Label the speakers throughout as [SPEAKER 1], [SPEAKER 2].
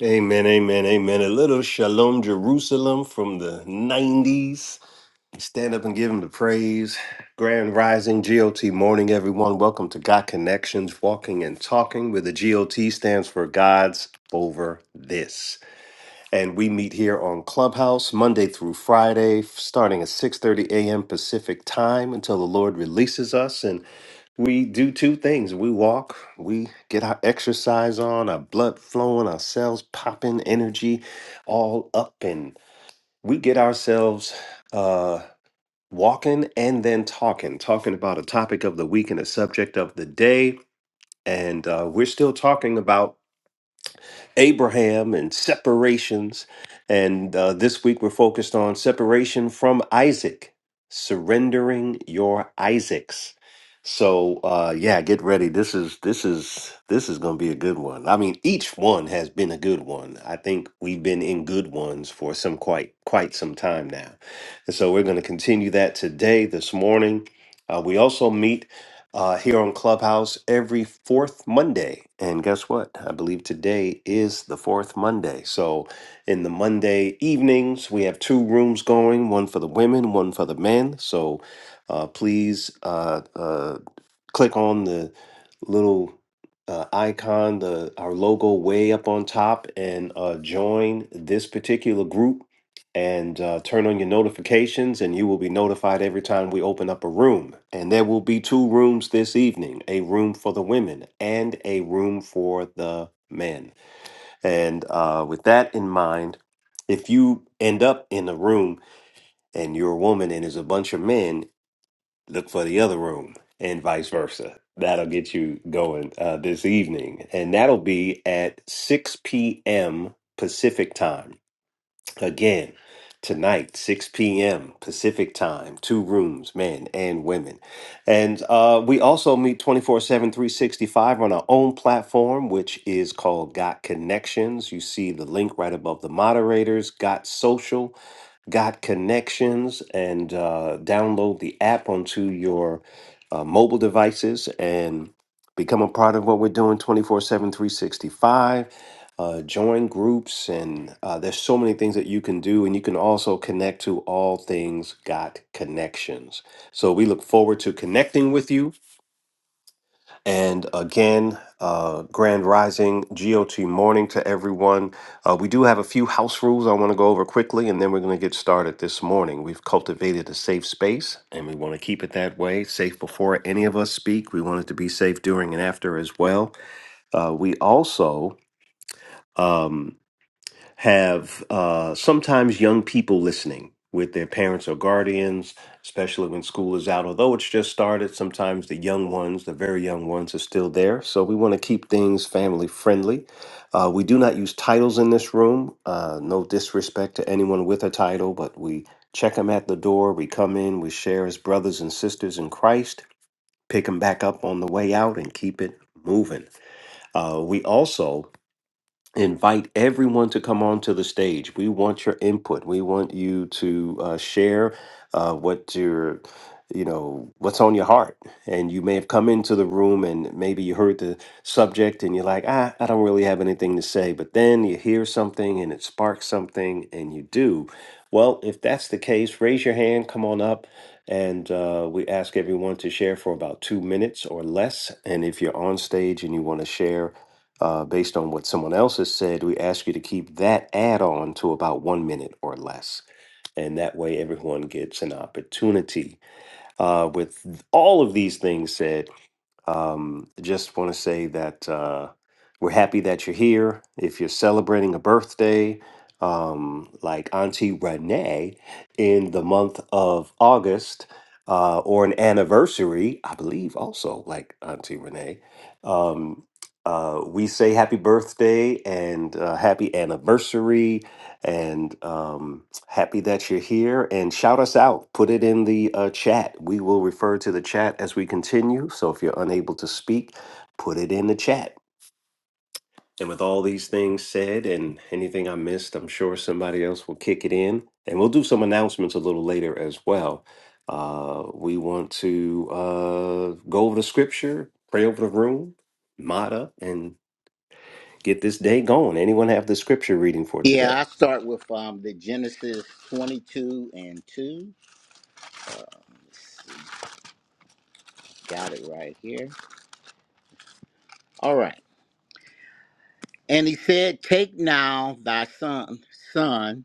[SPEAKER 1] Amen, amen, amen. A little shalom Jerusalem from the 90s. Stand up and give him the praise. Grand Rising GOT morning, everyone. Welcome to God Connections, Walking and Talking, where the GOT stands for God's Over This. And we meet here on Clubhouse Monday through Friday, starting at 6:30 a.m. Pacific time until the Lord releases us. And we do two things. We walk, we get our exercise on, our blood flowing, our cells popping, energy all up, and we get ourselves uh, walking and then talking, talking about a topic of the week and a subject of the day. And uh, we're still talking about Abraham and separations. And uh, this week we're focused on separation from Isaac, surrendering your Isaacs. So uh, yeah, get ready. This is this is this is going to be a good one. I mean, each one has been a good one. I think we've been in good ones for some quite quite some time now, and so we're going to continue that today, this morning. Uh, we also meet uh, here on Clubhouse every fourth Monday. And guess what? I believe today is the fourth Monday. So, in the Monday evenings, we have two rooms going one for the women, one for the men. So, uh, please uh, uh, click on the little uh, icon, the our logo way up on top, and uh, join this particular group. And uh, turn on your notifications, and you will be notified every time we open up a room. And there will be two rooms this evening: a room for the women and a room for the men. And uh, with that in mind, if you end up in a room and you're a woman and there's a bunch of men look for the other room and vice versa. That'll get you going uh, this evening. And that'll be at 6 p.m. Pacific time. Again, tonight, 6 p.m. Pacific time, two rooms, men and women. And uh, we also meet twenty four seven, three sixty five on our own platform, which is called Got Connections. You see the link right above the moderators, Got Social got connections and uh, download the app onto your uh, mobile devices and become a part of what we're doing 24 7 365 uh, join groups and uh, there's so many things that you can do and you can also connect to all things got connections so we look forward to connecting with you and again, uh, Grand Rising, GOT morning to everyone. Uh, we do have a few house rules I want to go over quickly, and then we're going to get started this morning. We've cultivated a safe space, and we want to keep it that way safe before any of us speak. We want it to be safe during and after as well. Uh, we also. um, have uh, sometimes young people listening with their parents or guardians, especially when school is out. Although it's just started, sometimes the young ones, the very young ones, are still there. So we want to keep things family friendly. Uh, we do not use titles in this room. Uh, no disrespect to anyone with a title, but we check them at the door. We come in, we share as brothers and sisters in Christ, pick them back up on the way out, and keep it moving. Uh, we also invite everyone to come onto the stage. We want your input. We want you to uh, share uh, what your you know what's on your heart and you may have come into the room and maybe you heard the subject and you're like ah i don't really have anything to say but then you hear something and it sparks something and you do well if that's the case raise your hand come on up and uh, we ask everyone to share for about two minutes or less and if you're on stage and you want to share uh, based on what someone else has said, we ask you to keep that add on to about one minute or less. And that way, everyone gets an opportunity. Uh, with all of these things said, um, just want to say that uh, we're happy that you're here. If you're celebrating a birthday, um, like Auntie Renee in the month of August, uh, or an anniversary, I believe also like Auntie Renee, um, uh, we say happy birthday and uh, happy anniversary. And, um, Happy that you're here and shout us out. Put it in the uh, chat. We will refer to the chat as we continue. So if you're unable to speak, put it in the chat. And with all these things said and anything I missed, I'm sure somebody else will kick it in. And we'll do some announcements a little later as well. Uh, we want to uh, go over the scripture, pray over the room, mod up, and get this day going. Anyone have the scripture reading for
[SPEAKER 2] Yeah,
[SPEAKER 1] today?
[SPEAKER 2] I start with um, the Genesis 22 and 2. Um, let's see, got it right here. All right. And he said, Take now thy son, son,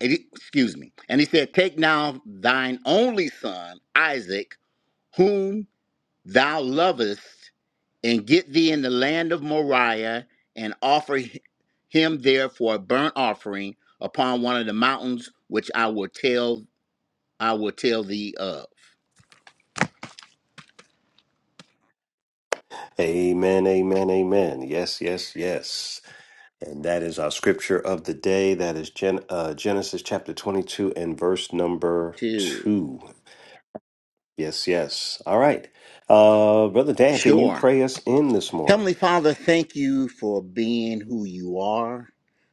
[SPEAKER 2] and he- excuse me. And he said, Take now thine only son, Isaac, whom thou lovest, and get thee in the land of Moriah, and offer hi- him there for a burnt offering upon one of the mountains which I will tell I will tell thee of.
[SPEAKER 1] Amen, amen, amen. Yes, yes, yes. And that is our scripture of the day. That is Gen- uh, Genesis chapter 22 and verse number
[SPEAKER 2] Two.
[SPEAKER 1] 2. Yes, yes. All right. Uh, Brother Dan, can you
[SPEAKER 2] Sure.
[SPEAKER 1] pray us in this morning?
[SPEAKER 2] Heavenly Father, thank you for being who you are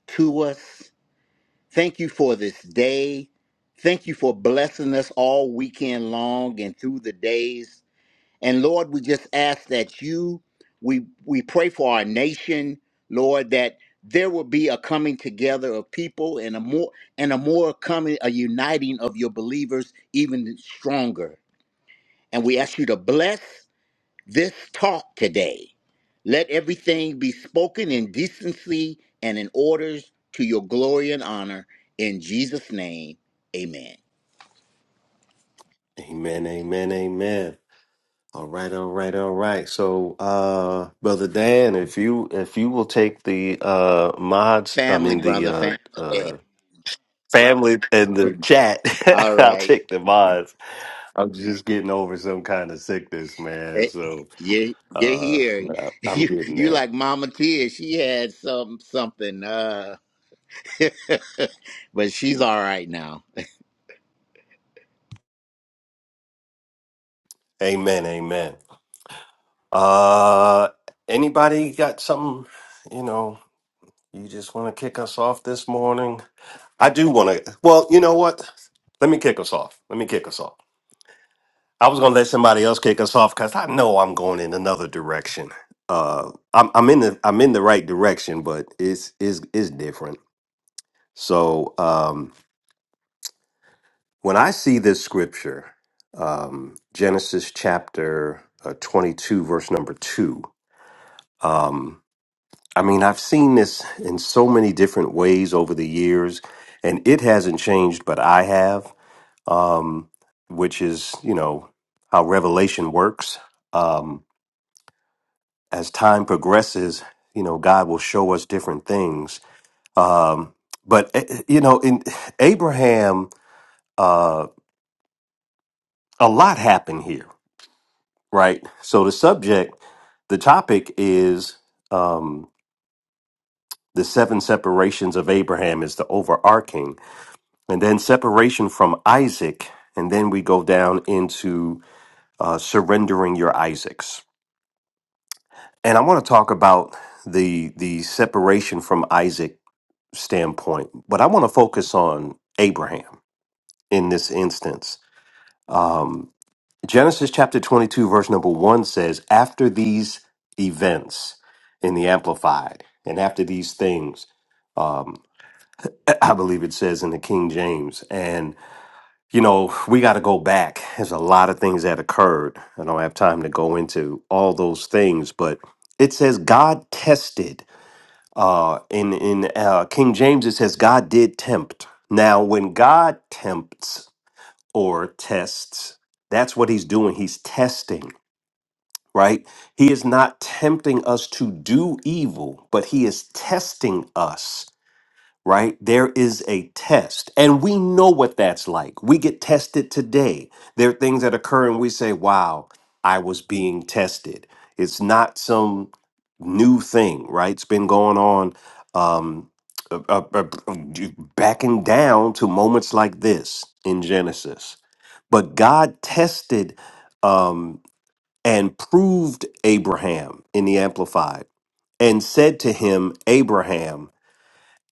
[SPEAKER 2] to us. Thank you for this day. Thank you for blessing us all weekend long and through the days. And Lord, we just ask that you, we we pray for our nation, Lord, that there will be a coming together of people and a more and a more coming a uniting of your believers even stronger. And we ask you to bless this talk today. Let everything be spoken in decency and in orders to your glory and honor. In Jesus' name, amen.
[SPEAKER 1] Amen, amen, amen. All right, all right, all right. So, uh, Brother Dan, if you if you will take the uh, mods, I
[SPEAKER 2] Family,
[SPEAKER 1] mean the
[SPEAKER 2] brother,
[SPEAKER 1] uh,
[SPEAKER 2] family.
[SPEAKER 1] uh, family and the chat,
[SPEAKER 2] All
[SPEAKER 1] I'll
[SPEAKER 2] right.
[SPEAKER 1] take the mods. I'm just getting over some kind of sickness, man.
[SPEAKER 2] Eh,
[SPEAKER 1] So.
[SPEAKER 2] You, you're
[SPEAKER 1] Uh,
[SPEAKER 2] here.
[SPEAKER 1] I- am
[SPEAKER 2] You,
[SPEAKER 1] getting
[SPEAKER 2] you
[SPEAKER 1] there.
[SPEAKER 2] like Mama Tia. She had some something, uh, but she's all right now.
[SPEAKER 1] Amen. Amen. Uh, anybody got something? You know, you just want to kick us off this morning. I do want to. Well, you know what? Let me kick us off. Let me kick us off. I was gonna let somebody else kick us off because I know I'm going in another direction. Uh, I'm I'm in the I'm in the right direction, but it's is is different. So, um, When I see this scripture, um, Genesis chapter uh, 22, verse number two, um, I mean, I've seen this in so many different ways over the years, and it hasn't changed, but I have, um, which is, you know, how revelation works. Um, as time progresses, you know, God will show us different things. Um, but, eh, eh, you know, in Abraham, uh, a lot happened here right? So the subject, the topic is um, the seven separations of Abraham is the overarching, and then separation from Isaac, and then we go down into uh, surrendering your Isaacs. And I want to talk about the the separation from Isaac standpoint, but I want to focus on Abraham in this instance. Um, Genesis chapter 22, verse number 1 says, After these events in the Amplified, and after these things, um, I believe it says in the King James. And, you know, we got to go back. There's a lot of things that occurred. I don't have time to go into all those things, but it says God tested. Uh, in in uh, King James, it says God did tempt. Now, when God tempts or tests, that's what he's doing. He's testing right? He is not tempting us to do evil, but he is testing us, right? There is a test, and we know what that's like. We get tested today. There are things that occur, and we say, wow, I was being tested. It's not some new thing, right? It's been going on. Um, uh, uh, uh, uh, backing down to moments like this in Genesis. But God tested Um, and proved Abraham in the Amplified and said to him, Abraham,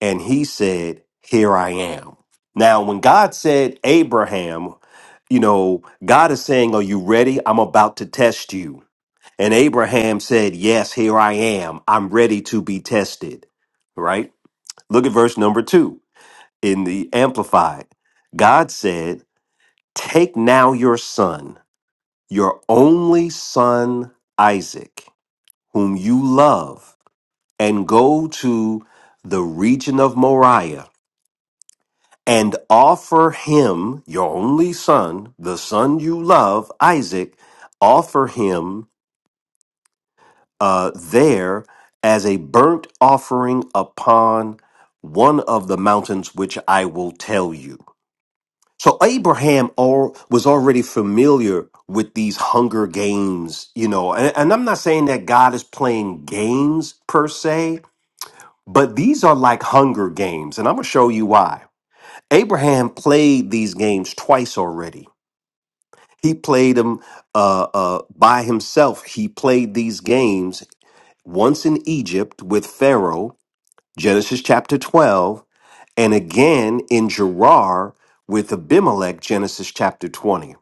[SPEAKER 1] and he said, Here I am. Now, when God said, Abraham, you know, God is saying, Are you ready? I'm about to test you. And Abraham said, Yes, here I am. I'm ready to be tested. Right? Look at verse number two in the Amplified. God said, Take now your son, your only son, Isaac whom you love, and go to the region of Moriah and offer him, your only son, the son you love, Isaac, offer him uh, there as a burnt offering upon one of the mountains which I will tell you. So Abraham al- was already familiar with these hunger games, you know, and, and I'm not saying that God is playing games per se, But these are like hunger games, and I'm going to show you why. Abraham played these games twice already. He played them uh, uh, by himself. He played these games once in Egypt with Pharaoh, Genesis chapter 12, and again in Gerar with Abimelech, Genesis chapter 20.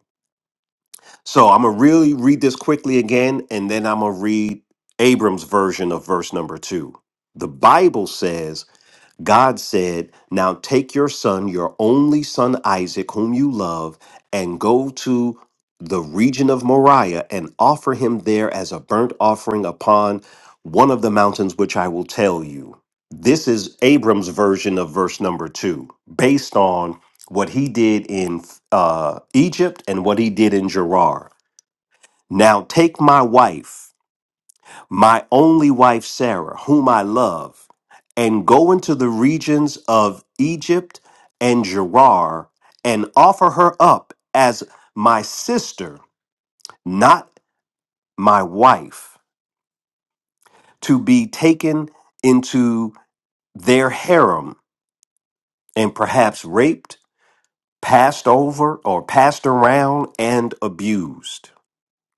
[SPEAKER 1] So I'm going to really read this quickly again, and then I'm going to read Abram's version of verse number two. The Bible says, God said, Now take your son, your only son Isaac, whom you love, and go to the region of Moriah and offer him there as a burnt offering upon one of the mountains which I will tell you. This is Abram's version of verse number two, based on what he did in uh, Egypt and what he did in Gerar. Now take my wife my only wife Sarah, whom I love, and go into the regions of Egypt and Gerar and offer her up as my sister, not my wife, to be taken into their harem and perhaps raped, passed over, or passed around and abused.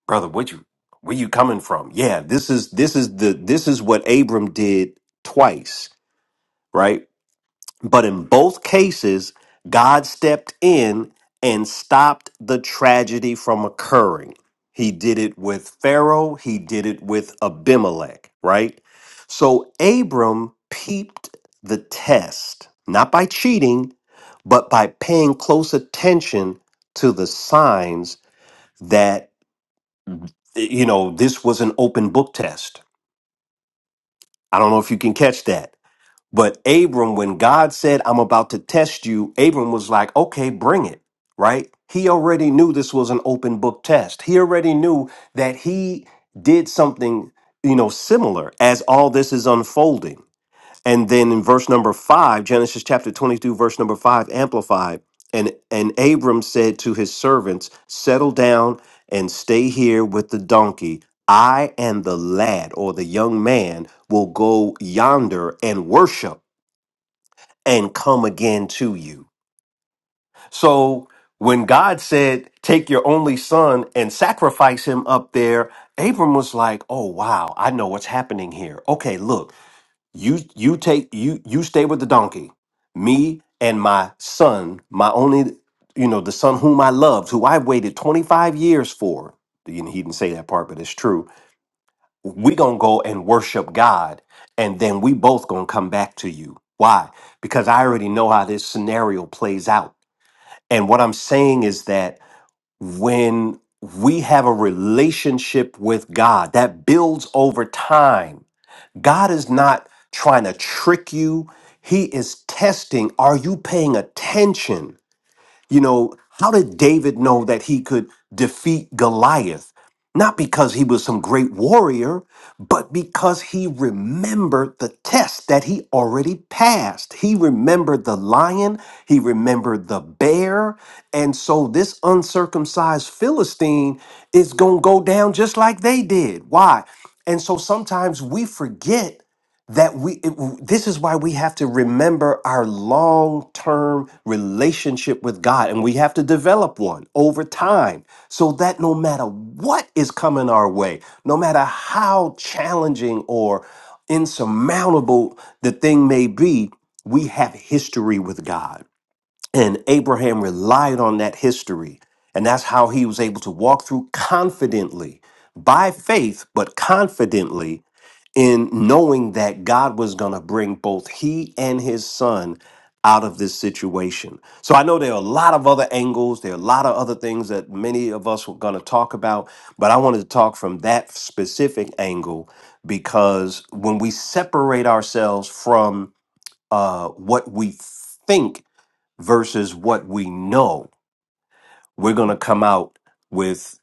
[SPEAKER 1] Brother, what you where you coming from? Yeah, this is this is the this is what Abram did twice, right? But in both cases, God stepped in and stopped the tragedy from occurring. He did it with Pharaoh, he did it with Abimelech, right? So Abram peeped the test, not by cheating, but by paying close attention to the signs that, you know, this was an open book test. I don't know if you can catch that But Abram, when God said, I'm about to test you, Abram was like, okay, bring it, right? He already knew this was an open book test. He already knew that he did something, you know, similar as all this is unfolding. And then in verse number five, Genesis chapter 22, verse number five, amplified. And, and Abram said to his servants, Settle down and stay here with the donkey. I and the lad or the young man will go yonder and worship and come again to you. So when God said, Take your only son and sacrifice him up there, Abram was like, Oh wow, I know what's happening here. Okay, look, you you take you you stay with the donkey. Me and my son, my only you know, the son whom I loved, who I waited 25 years for. He didn't he didn't say that part, but it's true we gonna go and worship God, and then we both gonna come back to you. Why? Because I already know how this scenario plays out. And what I'm saying is that when we have a relationship with God that builds over time, God is not trying to trick you. He is testing. Are you paying attention? You know, how did David know that he could defeat Goliath? Not because he was some great warrior, but because he remembered the test that he already passed. He remembered the lion, he remembered the bear. And so this uncircumcised Philistine is going to go down just like they did. Why? And so sometimes we forget that we it- this is why we have to remember our long-term relationship with God and we have to develop one over time so that no matter what is coming our way no matter how challenging or insurmountable the thing may be we have history with God and Abraham relied on that history. And that's how he was able to walk through confidently, by faith, but confidently in knowing that God was going to bring both he and his son out of this situation. So I know there are a lot of other angles, there are a lot of other things that many of us were going to talk about, but I wanted to talk from that specific angle because when we separate ourselves from uh, what we think versus what we know, we're going to come out with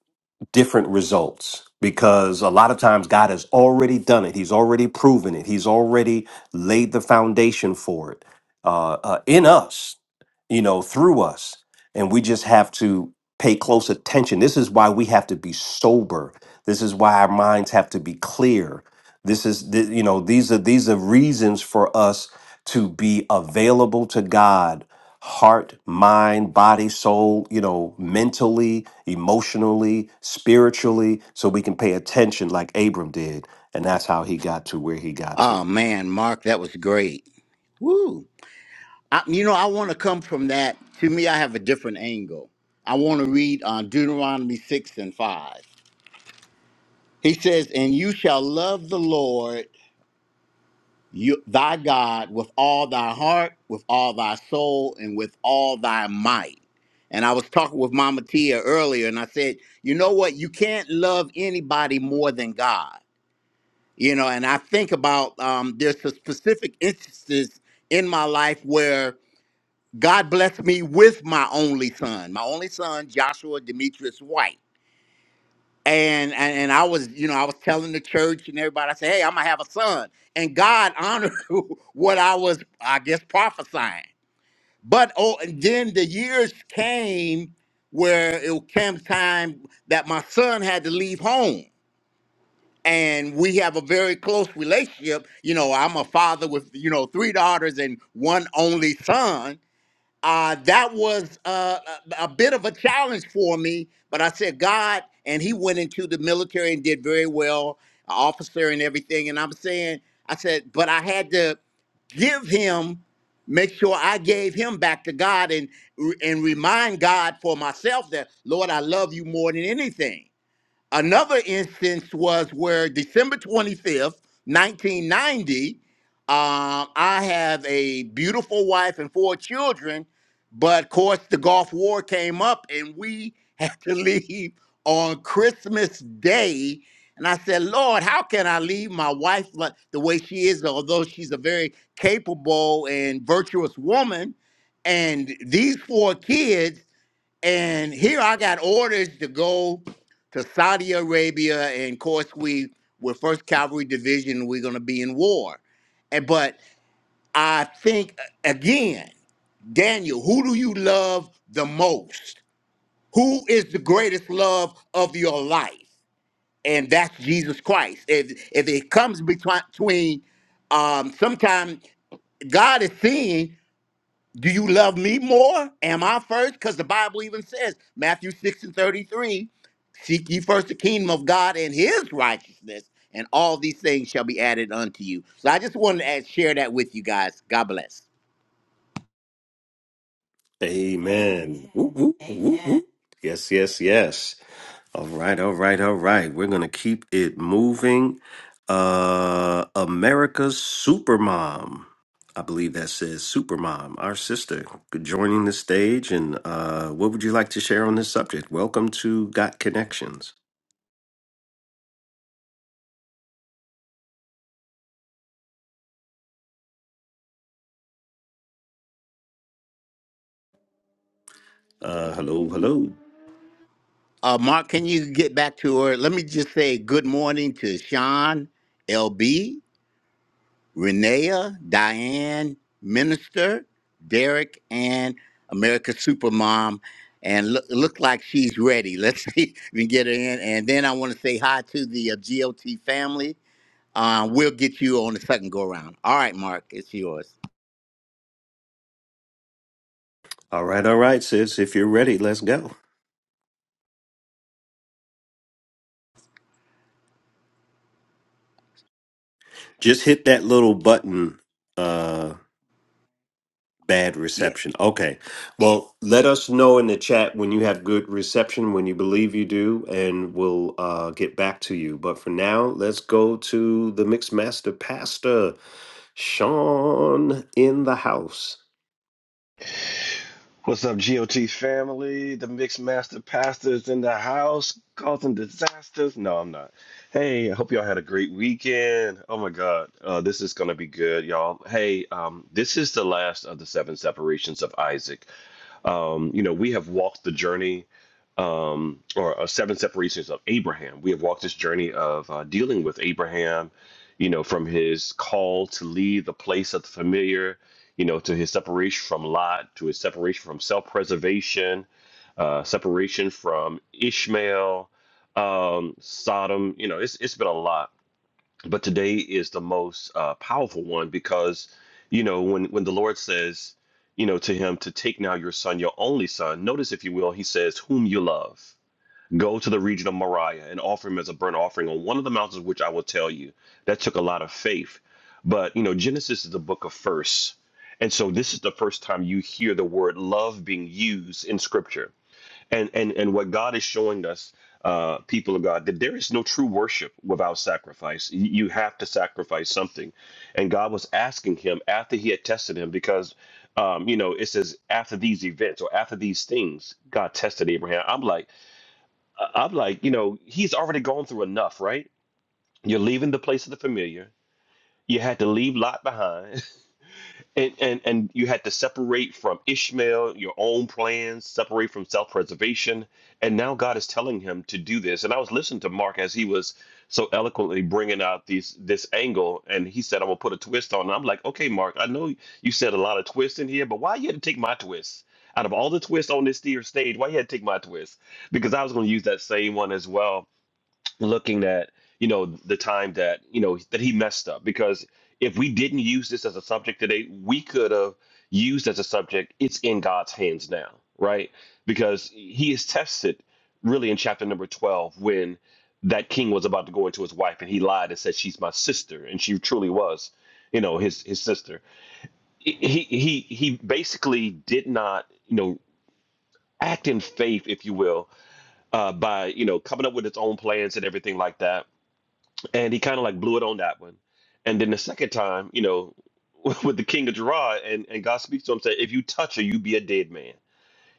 [SPEAKER 1] different results because a lot of times God has already done it. He's already proven it. He's already laid the foundation for it uh, uh, in us, you know, through us. And we just have to pay close attention. This is why we have to be sober. This is why our minds have to be clear. This is, th- you know, these are these are reasons for us to be available to God, heart, mind, body, soul, you know, mentally, emotionally, spiritually, so we can pay attention like Abram did. And that's how he got to where he got to.
[SPEAKER 2] Oh, man, Mark, that was great. Woo. I, you know, I want to come from that. To me, I have a different angle. I want to read on Deuteronomy 6 and 5. He says, And you shall love the Lord you, thy God with all thy heart, with all thy soul, and with all thy might. And I was talking with Mama Tia earlier, and I said, You know what? You can't love anybody more than God. You know, and I think about um, there's some specific instances in my life where. God blessed me with my only son, my only son, Joshua Demetrius White. And, and and I was, you know, I was telling the church and everybody, I said, hey, I'm gonna have a son. And God honored what I was, I guess, prophesying. But oh, and then the years came where it came time that my son had to leave home. And we have a very close relationship. You know, I'm a father with, you know, three daughters and one only son uh, that was uh, a, a bit of a challenge for me. But I said, God, and he went into the military and did very well, a officer and everything. And I'm saying, I said, but I had to give him, make sure I gave him back to God and and remind God for myself that, Lord, I love you more than anything Another instance was where December 25th, 1990, um, I have a beautiful wife and four children, but of course the Gulf War came up and we had to leave on Christmas Day. And I said, Lord, how can I leave my wife like the way she is, although she's a very capable and virtuous woman? And these four kids and here I got orders to go to Saudi Arabia, and of course we we're First Cavalry Division. We're going to be in war, and but I think again, Daniel, who do you love the most? Who is the greatest love of your life? And that's Jesus Christ. If if it comes betwi- between, um, sometimes God is seeing. Do you love me more? Am I first? Because the Bible even says, Matthew 6 and 33, seek ye first the kingdom of God and his righteousness, and all these things shall be added unto you. So I just wanted to add, share that with you guys. God bless.
[SPEAKER 1] Amen. Woo, woo, woo, woo. Yes, yes, yes. All right, all right, all right. We're going to keep it moving. Uh America's Supermom. I believe that says Supermom, our sister, joining the stage. And uh, what would you like to share on this subject? Welcome to Got Connections. Uh, hello, hello.
[SPEAKER 2] Uh, Mark, can you get back to her? Let me just say good morning to Sean, LB. Renea, Diane, Minister, Derek, and America Supermom. And look, look like she's ready. Let's see if we can get her in. And then I want to say hi to the uh, GOT family. Uh, we'll get you on the second go round. All right, Mark, it's yours.
[SPEAKER 1] All right, all right, sis. If you're ready, let's go. Just hit that little button Uh, Bad
[SPEAKER 2] Yeah.
[SPEAKER 1] reception. Okay. Well, let us know in the chat when you have good reception, when you believe you do, and we'll uh, get back to you. But for now, let's go to the Mixed Master Pastor, Sean in the house.
[SPEAKER 3] What's up, GOT family? The Mixed Master Pastors in the house causing disasters. No, I'm not. Hey, I hope y'all had a great weekend. Oh my God, uh, this is gonna be good, y'all. Hey, um, this is the last of the seven separations of Isaac. Um, you know, we have walked the journey um, or uh, seven separations of Abraham. We have walked this journey of uh, dealing with Abraham, you know, from his call to leave the place of the familiar, you know, to his separation from Lot, to his separation from self preservation, uh, separation from Ishmael, um, Sodom. You know, it's, it's been a lot but today is the most uh, powerful one because you know when when the lord says you know to him to take now your son your only son notice if you will he says whom you love go to the region of moriah and offer him as a burnt offering on one of the mountains which i will tell you that took a lot of faith but you know genesis is the book of firsts and so this is the first time you hear the word love being used in scripture and and and what God is showing us, uh, people of God, that there is no true worship without sacrifice. You you have to sacrifice something, and God was asking him after he had tested him because. Um, you know, it says after these events or after these things, God tested Abraham. I'm like, I- I'm like, you know, he's already gone through enough, right? You're leaving the place of the familiar. You had to leave Lot behind. and and and you had to separate from Ishmael your own plans, separate from self-preservation, and now God is telling him to do this. And I was listening to Mark as he was so eloquently bringing out these this angle, and he said, "I'm gonna put a twist on." it." I'm like, "Okay, Mark, I know you said a lot of twists in here, but why you had to take my twist?" Out of all the twists on this dear stage, why you had to take my twist? Because I was going to use that same one as well looking at you know the time that you know that he messed up because if we didn't use this as a subject today we could have used as a subject it's in god's hands now right because he is tested really in chapter number 12 when that king was about to go into his wife and he lied and said she's my sister and she truly was you know his his sister he he he he basically did not you know act in faith if you will uh by you know coming up with its own plans and everything like that and he kind of like blew it on that one. And then the second time, you know, with the King of Gerard, and, and God speaks to him, said, "If you touch her, you be a dead man."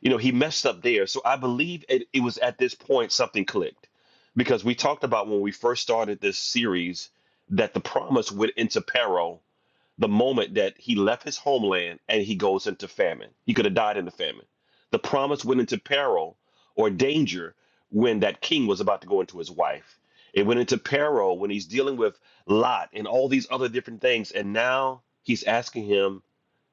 [SPEAKER 3] You know, he messed up there. So I believe it, it was at this point something clicked, because we talked about when we first started this series that the promise went into peril the moment that he left his homeland and he goes into famine. He could have died in the famine. The promise went into peril or danger when that king was about to go into his wife. It went into peril when he's dealing with Lot and all these other different things. And now he's asking him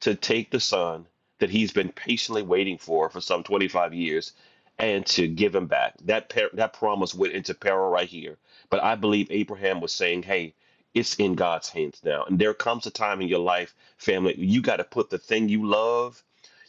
[SPEAKER 3] to take the son that he's been patiently waiting for for some 25 years and to give him back. That, per- that promise went into peril right here. But I believe Abraham was saying, hey, it's in God's hands now. And there comes a time in your life, family, you got to put the thing you love,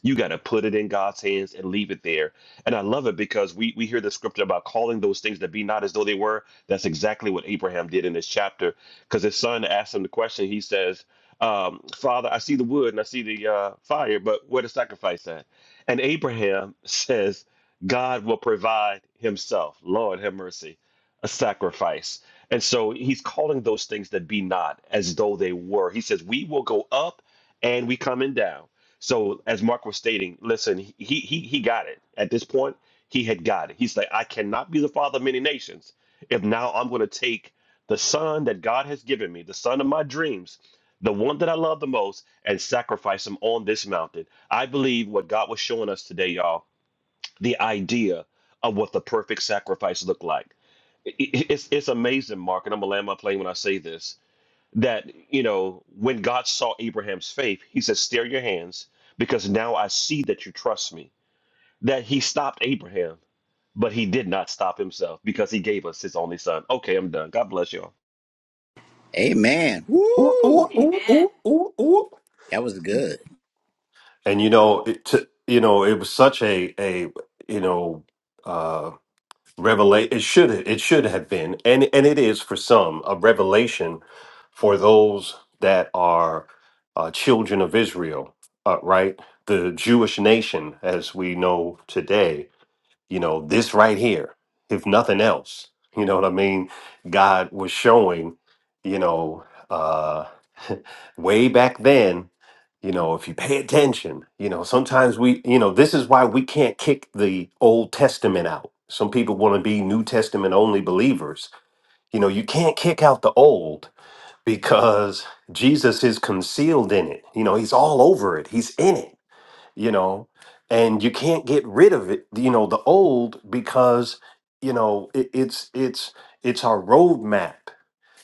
[SPEAKER 3] you got to put it in God's hands and leave it there. And I love it because we we hear the scripture about calling those things that be not as though they were. That's exactly what Abraham did in this chapter because his son asked him the question. He says, um, "Father, I see the wood and I see the uh, fire, but where the sacrifice at?" And Abraham says, "God will provide Himself." Lord, have mercy a sacrifice. And so he's calling those things that be not as though they were. He says, We will go up and we coming down. So as Mark was stating, listen, he he he got it. At this point, he had got it. He's like, I cannot be the father of many nations if now I'm gonna take the son that God has given me, the son of my dreams, the one that I love the most, and sacrifice him on this mountain. I believe what God was showing us today, y'all, the idea of what the perfect sacrifice looked like it- it's it's amazing, Mark, and I'm gonna land my plane when I say this, that you know, when God saw Abraham's faith, he said, Stare your hands, because now I see that you trust me. That he stopped Abraham, but he did not stop himself because he gave us his only son. Okay, I'm done. God bless y'all.
[SPEAKER 2] Amen.
[SPEAKER 1] Ooh, ooh,
[SPEAKER 2] Woo!
[SPEAKER 1] ooh, ooh, ooh, ooh.
[SPEAKER 2] That was good.
[SPEAKER 1] And you know, it t- you know, it was such a a you know uh, revelation it should it should have been and and it is for some a revelation for those that are uh, children of israel uh, right the jewish nation as we know today you know, this right here, if nothing else. You know what I mean? God was showing, you know, uh, way back then, you know, if you pay attention, you know, sometimes we, you know, this is why we can't kick the Old Testament out. Some people want to be New Testament only believers. You know, you can't kick out the old because Jesus is concealed in it. You know, he's all over it, he's in it you know and you can't get rid of it you know the old because you know it, it's it's it's our roadmap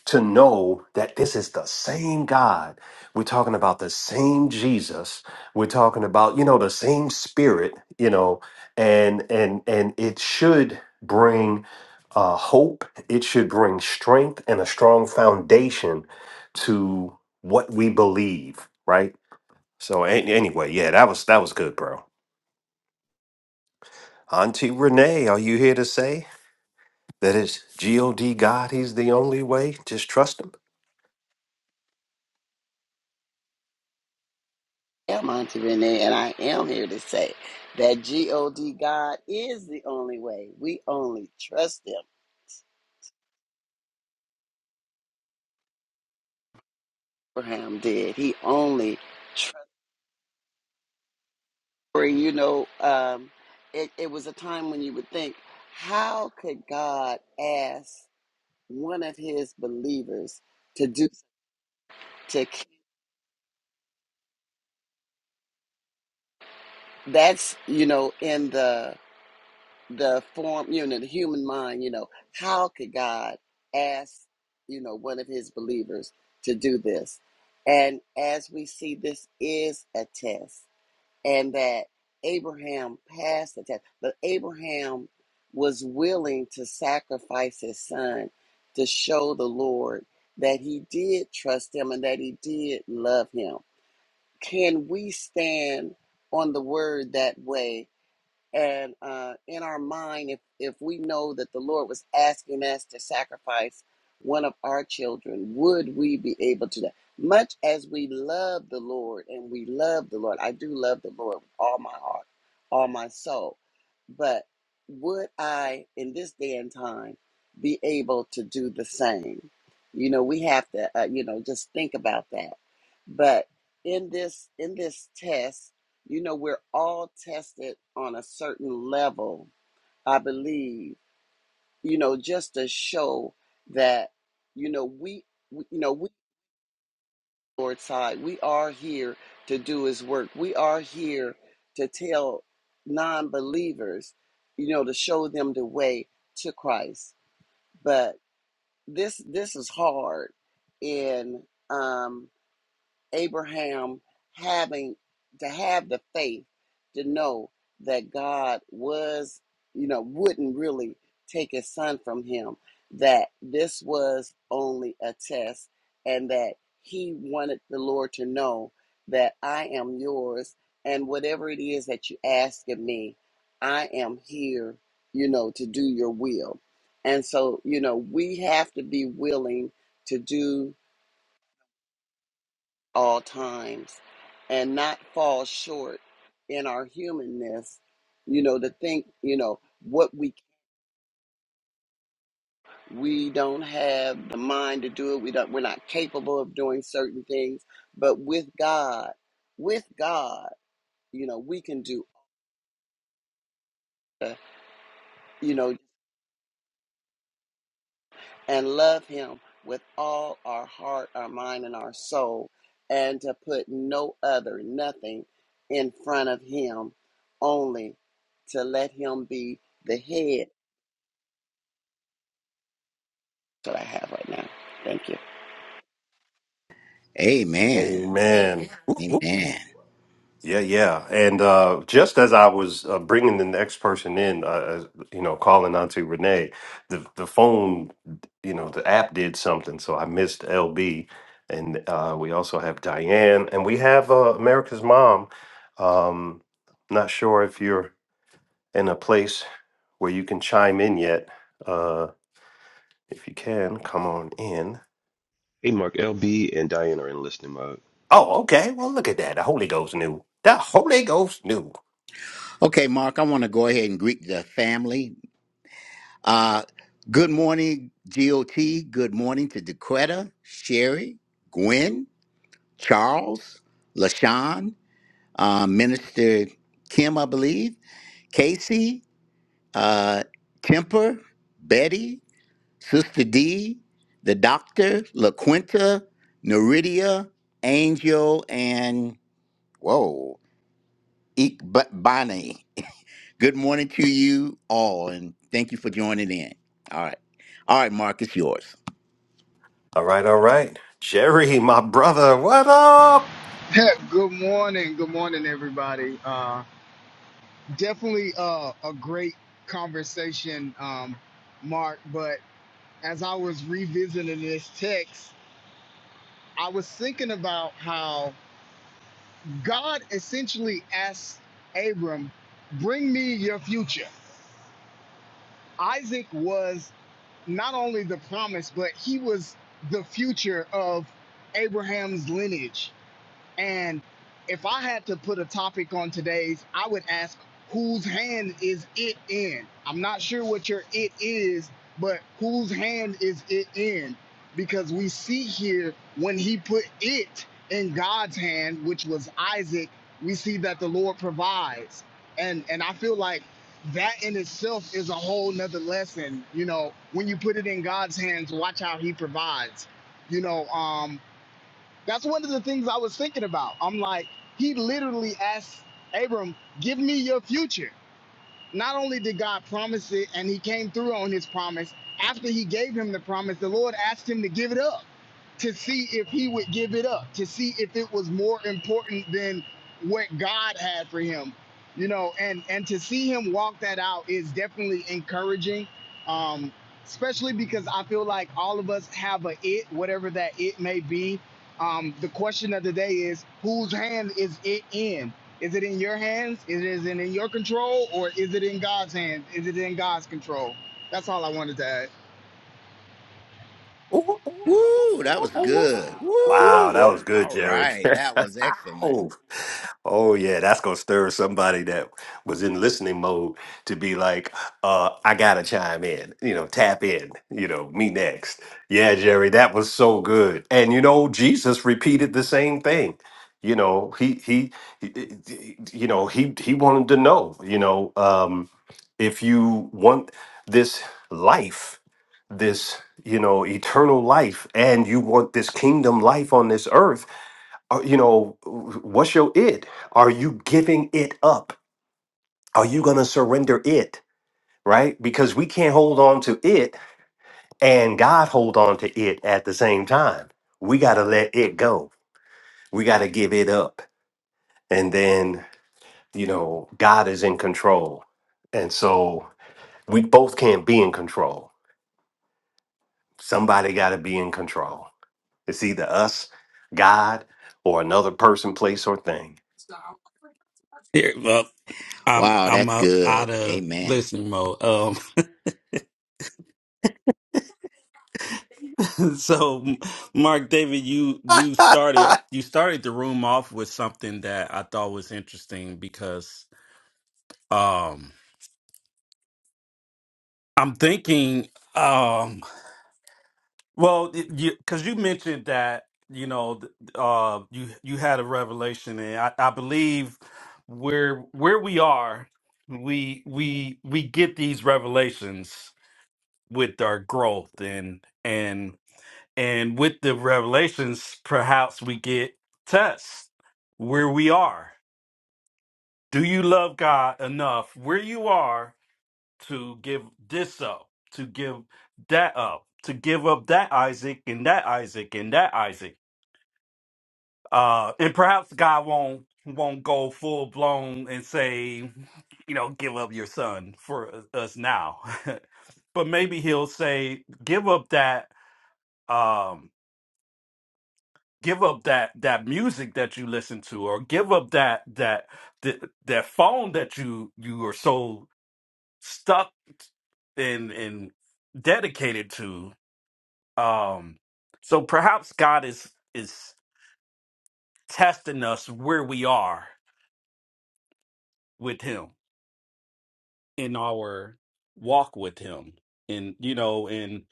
[SPEAKER 1] to know that this is the same god we're talking about the same jesus we're talking about you know the same spirit you know and and and it should bring uh, hope it should bring strength and a strong foundation to what we believe right so a- anyway yeah that was that was good bro Auntie Renee, are you here to say that it's G-O-D God, He's the only way? Just trust Him.
[SPEAKER 4] am Auntie Renee, and I am here to say that God God is the only way. We only trust Him. Abraham did. He only trusted. You know, um, it, it was a time when you would think, how could God ask one of His believers to do to? That's you know in the the form, you know, the human mind, you know, how could God ask, you know, one of his believers to do this? And as we see, this is a test, and that Abraham passed the test, but Abraham was willing to sacrifice his son to show the Lord that he did trust him and that he did love him. Can we stand on the word that way? and uh, in our mind if if we know that the lord was asking us to sacrifice one of our children would we be able to do that much as we love the lord and we love the lord i do love the lord with all my heart all my soul but would i in this day and time be able to do the same you know we have to uh, you know just think about that but in this in this test you know, we're all tested on a certain level, I believe, you know, just to show that, you know, we, we you know, we, Lord's side, we are here to do his work. We are here to tell non believers, you know, to show them the way to Christ. But this, this is hard. And, um, Abraham having to have the faith to know that God was, you know, wouldn't really take his son from him, that this was only a test, and that he wanted the Lord to know that I am yours, and whatever it is that you ask of me, I am here, you know, to do your will. And so, you know, we have to be willing to do all times and not fall short in our humanness you know to think you know what we we don't have the mind to do it we don't we're not capable of doing certain things but with god with god you know we can do uh, you know and love him with all our heart our mind and our soul and to put no other nothing in front of him only to let him be the head That's what I have right now. Thank you.
[SPEAKER 2] Amen.
[SPEAKER 1] Amen.
[SPEAKER 2] Amen.
[SPEAKER 1] Yeah, yeah. And uh, just as I was uh, bringing the next person in, uh, uh, you know, calling Auntie Renee, the, the phone, you know, the app did something. So I missed LB. And uh, we also have Diane and we have uh, America's Mom. Um, not sure if you're in a place where you can chime in yet. uh, If you can, come on in.
[SPEAKER 3] Hey Mark, LB and Diane are in listening mode.
[SPEAKER 1] Oh, okay. Well, look at that. The Holy Ghost knew. The Holy Ghost knew.
[SPEAKER 2] Okay, Mark, I want to go ahead and greet the family. Uh, good morning, GOT. Good morning to Dequetta, Sherry, Gwen, Charles, LaShawn, uh, Minister Kim, I believe, Casey, uh, Temper, Betty, Sister D, the Doctor, LaQuinta, Neridia, Angel, and whoa, Ikbani. Good morning to you all, and thank you for joining in. All right. All right, Mark, it's yours.
[SPEAKER 1] All right, all right. Jerry, my brother, what up?
[SPEAKER 5] good morning. Good morning, everybody. Uh, definitely uh, a great conversation, um, Mark. But as I was revisiting this text, I was thinking about how God essentially asked Abram, Bring me your future. Isaac was not only the promise, but he was the future of Abraham's lineage And if I had to put a topic on today's, I would ask whose hand is it in? I'm not sure what your it is, but whose hand is it in? Because we see here when he put it in God's hand, which was Isaac, we see that the Lord provides. And and I feel like that in itself is a whole nother lesson. You know, when you put it in God's hands, watch how he provides. You know, um, that's one of the things I was thinking about. I'm like, he literally asked Abram, "Give me your future." not only did God promise it and he came through on his promise, after he gave him the promise, the Lord asked him to give it up to see if he would give it up, to see if it was more important than what God had for him. You know, and and to see him walk that out is definitely encouraging. Um especially because I feel like all of us have a it, whatever that it may be. Um the question of the day is whose hand is it in? Is it in your hands? Is it in your control or is it in God's hands? Is it in God's control? That's all I wanted to add.
[SPEAKER 2] Woo, that was good.
[SPEAKER 1] Wow, that
[SPEAKER 2] Woo.
[SPEAKER 1] was good,
[SPEAKER 2] All
[SPEAKER 1] Jerry.
[SPEAKER 2] right, that was excellent.
[SPEAKER 1] oh, oh yeah, that's gonna stir somebody that was in listening mode to be like, uh, I gotta chime in, you know, tap in, you know, me next. Yeah, Jerry, that was so good. And you know, Jesus repeated the same thing. You know, he he, he he- you know, he he wanted to know, you know, um, if you want this life, this you know eternal life and you want this kingdom life on this earth uh, you know what's your it are you giving it up are you going to surrender it right because we can't hold on to it and god hold on to it at the same time we got to let it go we got to give it up and then you know god is in control and so we both can't be in control somebody got to be in control It's either us, God, or another person, place, or thing.
[SPEAKER 6] Here, well, I'm
[SPEAKER 2] Wow,
[SPEAKER 6] I'm
[SPEAKER 2] that's
[SPEAKER 6] out,
[SPEAKER 2] good.
[SPEAKER 6] out of
[SPEAKER 2] Amen.
[SPEAKER 6] listening mode. Um, so Mark David, you you started you started the room off with something that I thought was interesting because um I'm thinking um well because you, 'cause you mentioned that you know th- uh you you had a revelation and I, I believe where where we are we we we get these revelations with our growth and and And with the revelations, perhaps we get tests where we are. Do you love God enough where you are to give this up, to give that up, to give up that Isaac and that Isaac and that Isaac? Uh, and perhaps God won't won't go full blown and say, you know, give up your son for us now. but maybe he'll say, give up that. Um, give up that that music that you listen to or give up that that that, that phone that you you are so stuck and and dedicated to um so perhaps god is is testing us where we are with him in our walk with him and you know and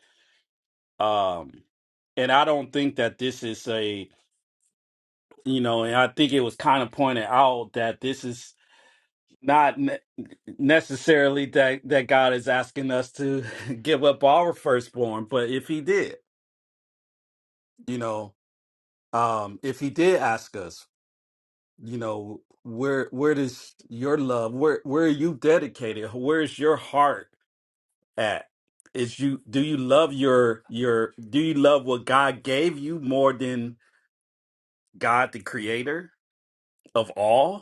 [SPEAKER 6] um and i don't think that this is a you know and i think it was kind of pointed out that this is Not ne- necessarily that that God is asking us to give up our firstborn, but if He did, you know, um, if He did ask us, you know, where where does your love? Where where are you dedicated? Where is your heart at? Is you do you love your your do you love what God gave you more than God the Creator of all?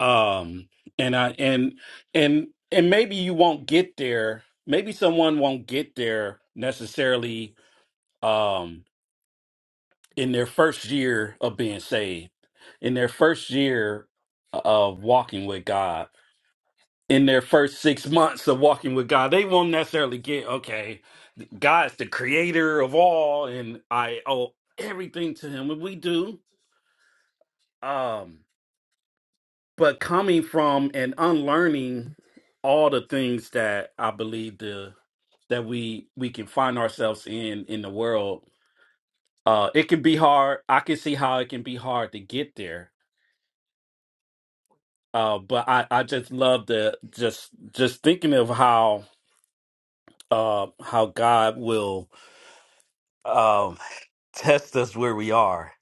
[SPEAKER 6] um and i and and and maybe you won't get there maybe someone won't get there necessarily um in their first year of being saved in their first year of walking with god in their first six months of walking with god they won't necessarily get okay god's the creator of all and i owe everything to him and we do um. but coming from and unlearning all the things that I believe the that we we can find ourselves in in the world, uh, it can be hard. I can see how it can be hard to get there. Uh, but I I just love the just just thinking of how uh how God will um test us where we are.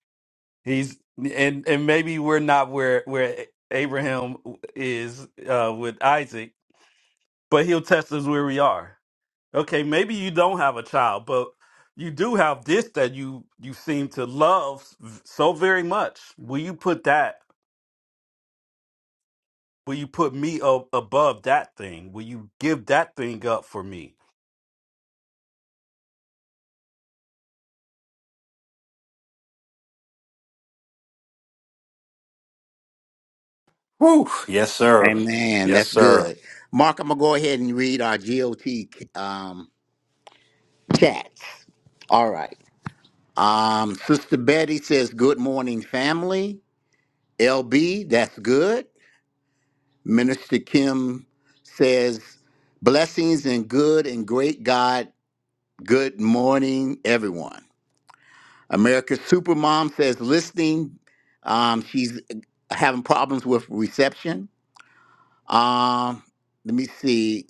[SPEAKER 6] He's and and maybe we're not where where Abraham is uh with Isaac, but he'll test us where we are Okay, maybe you don't have a child, but you do have this that you you seem to love s- so very much. Will you put that? Will you put me up above that thing? Will you give that thing up for me?
[SPEAKER 1] Whew. Yes, sir.
[SPEAKER 2] Amen.
[SPEAKER 1] Yes,
[SPEAKER 2] That's
[SPEAKER 1] sir.
[SPEAKER 2] good. Mark, I'm gonna go ahead and read our GOT um, chats. All right. Um, Sister Betty says, "Good morning, family." LB, that's good. Minister Kim says, "Blessings and good and great God. Good morning, everyone." America's Supermom says listening. Um, she's having problems with reception. Um, let me see.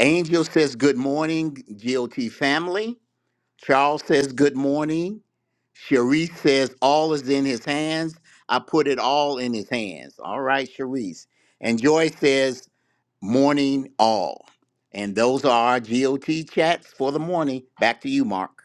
[SPEAKER 2] Angel says good morning, GOT family. Charles says good morning. Sharice says all is in his hands. I put it all in his hands. All right, Sharice. And Joy says morning all. And those are our GOT chats for the morning. Back to you, Mark.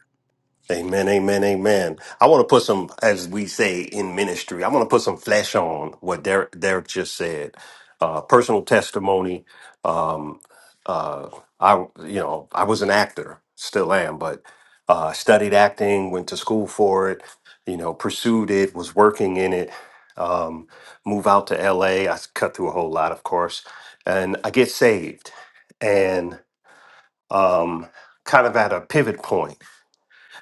[SPEAKER 1] Amen, amen, amen. I want to put some, as we say in ministry, I want to put some flesh on what Derek, Derek just said. Uh, personal testimony. Um, uh, I, you know, I was an actor, still am, but uh, studied acting, went to school for it, you know, pursued it, was working in it. Um, move out to LA. I s- cut through a whole lot, of course, and I get saved, and um, kind of at a pivot point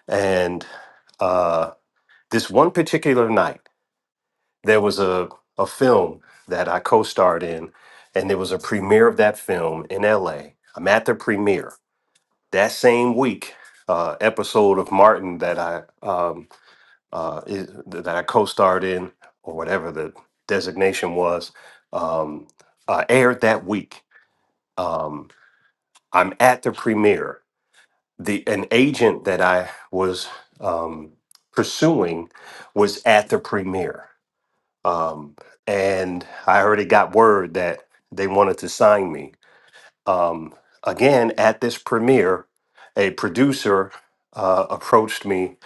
[SPEAKER 1] and uh, this one particular night, there was a, a film that I co starred in, and there was a premiere of that film in LA. I'm at the premiere. That same week, uh, episode of Martin that I um, uh, is, that I co-starred in, or whatever the designation was, um, uh, aired that week. Um, I'm at the premiere. the an agent that I was um, pursuing was at the premiere, um, and I already got word that they wanted to sign me. Um, again, at this premiere, a producer uh, approached me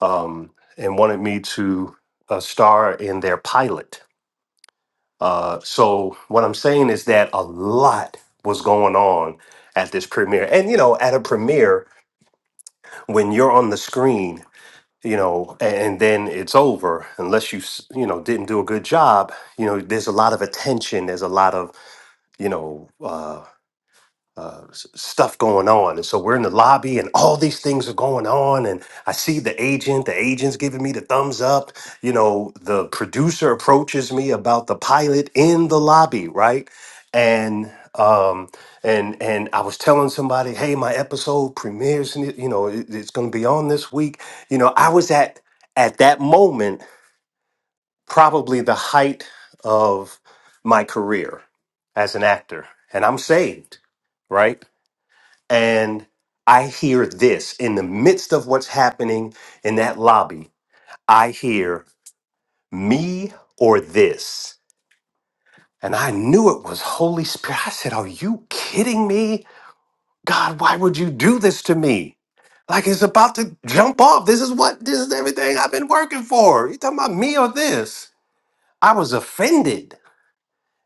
[SPEAKER 1] um, and wanted me to uh, star in their pilot. Uh, so what I'm saying is that a lot was going on at this premiere, and you know, at a premiere when you're on the screen you know, and then it's over unless you, s- you know, didn't do a good job. You know, there's a lot of attention. There's a lot of, you know, uh, uh, s- stuff going on. And so we're in the lobby and all these things are going on. And I see the agent, the agent's giving me the thumbs up. You know, the producer approaches me about the pilot in the lobby, right? And, um, and and I was telling somebody, hey, my episode premieres, n- you know, it- it's going to be on this week. You know, I was at at that moment probably the height of my career as an actor, and I'm saved, right? and I hear this in the midst of what's happening in that lobby. I hear me or this. And I knew it was Holy Spirit. I said, Are you kidding me? God, why would you do this to me? Like it's about to jump off. This is what, this is everything I've been working for. You talking about me or this? I was offended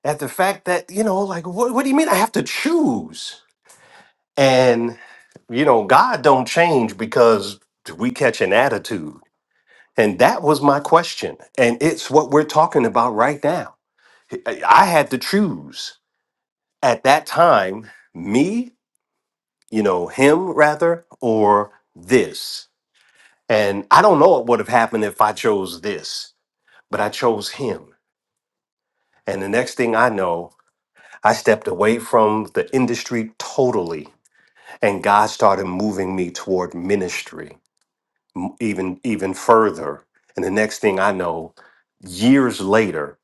[SPEAKER 1] at the fact that, you know, like, what, what do you mean I have to choose? And you know, God don't change because we catch an attitude. And that was my question. And it's what we're talking about right now. I I had to choose at that time, me, you know, him rather, or this. And I don't know what would have happened if I chose this, but I chose him. And the next thing I know, I stepped away from the industry totally, and God started moving me toward ministry even even further. And the next thing I know, years later,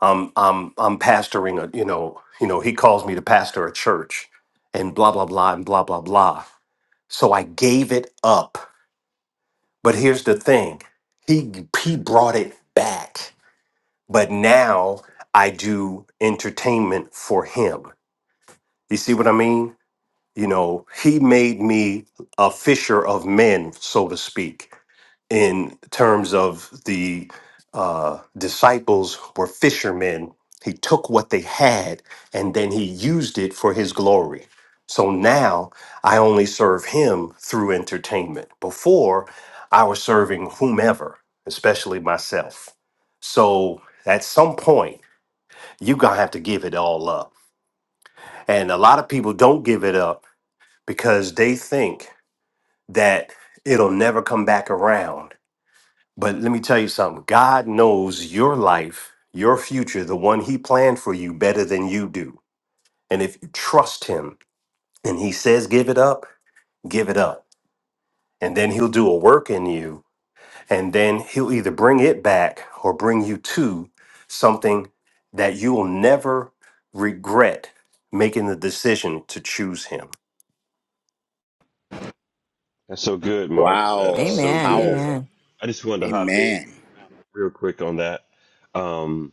[SPEAKER 1] I'm I'm I'm pastoring a you know you know he calls me to pastor a church, and blah blah blah and blah blah blah. So I gave it up. But here's the thing, he he brought it back. But now I do entertainment for him. You see what I mean? You know, he made me a fisher of men, so to speak in terms of the uh, disciples were fishermen. He took what they had and then he used it for his glory. So now I only serve him through entertainment. Before, I was serving whomever, especially myself. So at some point, you're going to have to give it all up. And a lot of people don't give it up because they think that it'll never come back around but let me tell you something God knows your life, your future, the one He planned for you better than you do. And if you trust Him and He says, give it up, give it up. And then He'll do a work in you. And then He'll either bring it back or bring you to something that you will never regret making the decision to choose Him.
[SPEAKER 3] That's so good, Mark. That is
[SPEAKER 2] Wow,
[SPEAKER 3] so
[SPEAKER 7] Amen.
[SPEAKER 3] good.
[SPEAKER 2] powerful.
[SPEAKER 7] Amen.
[SPEAKER 3] I just wanted to hop in
[SPEAKER 2] Amen.
[SPEAKER 3] real quick on that. Um,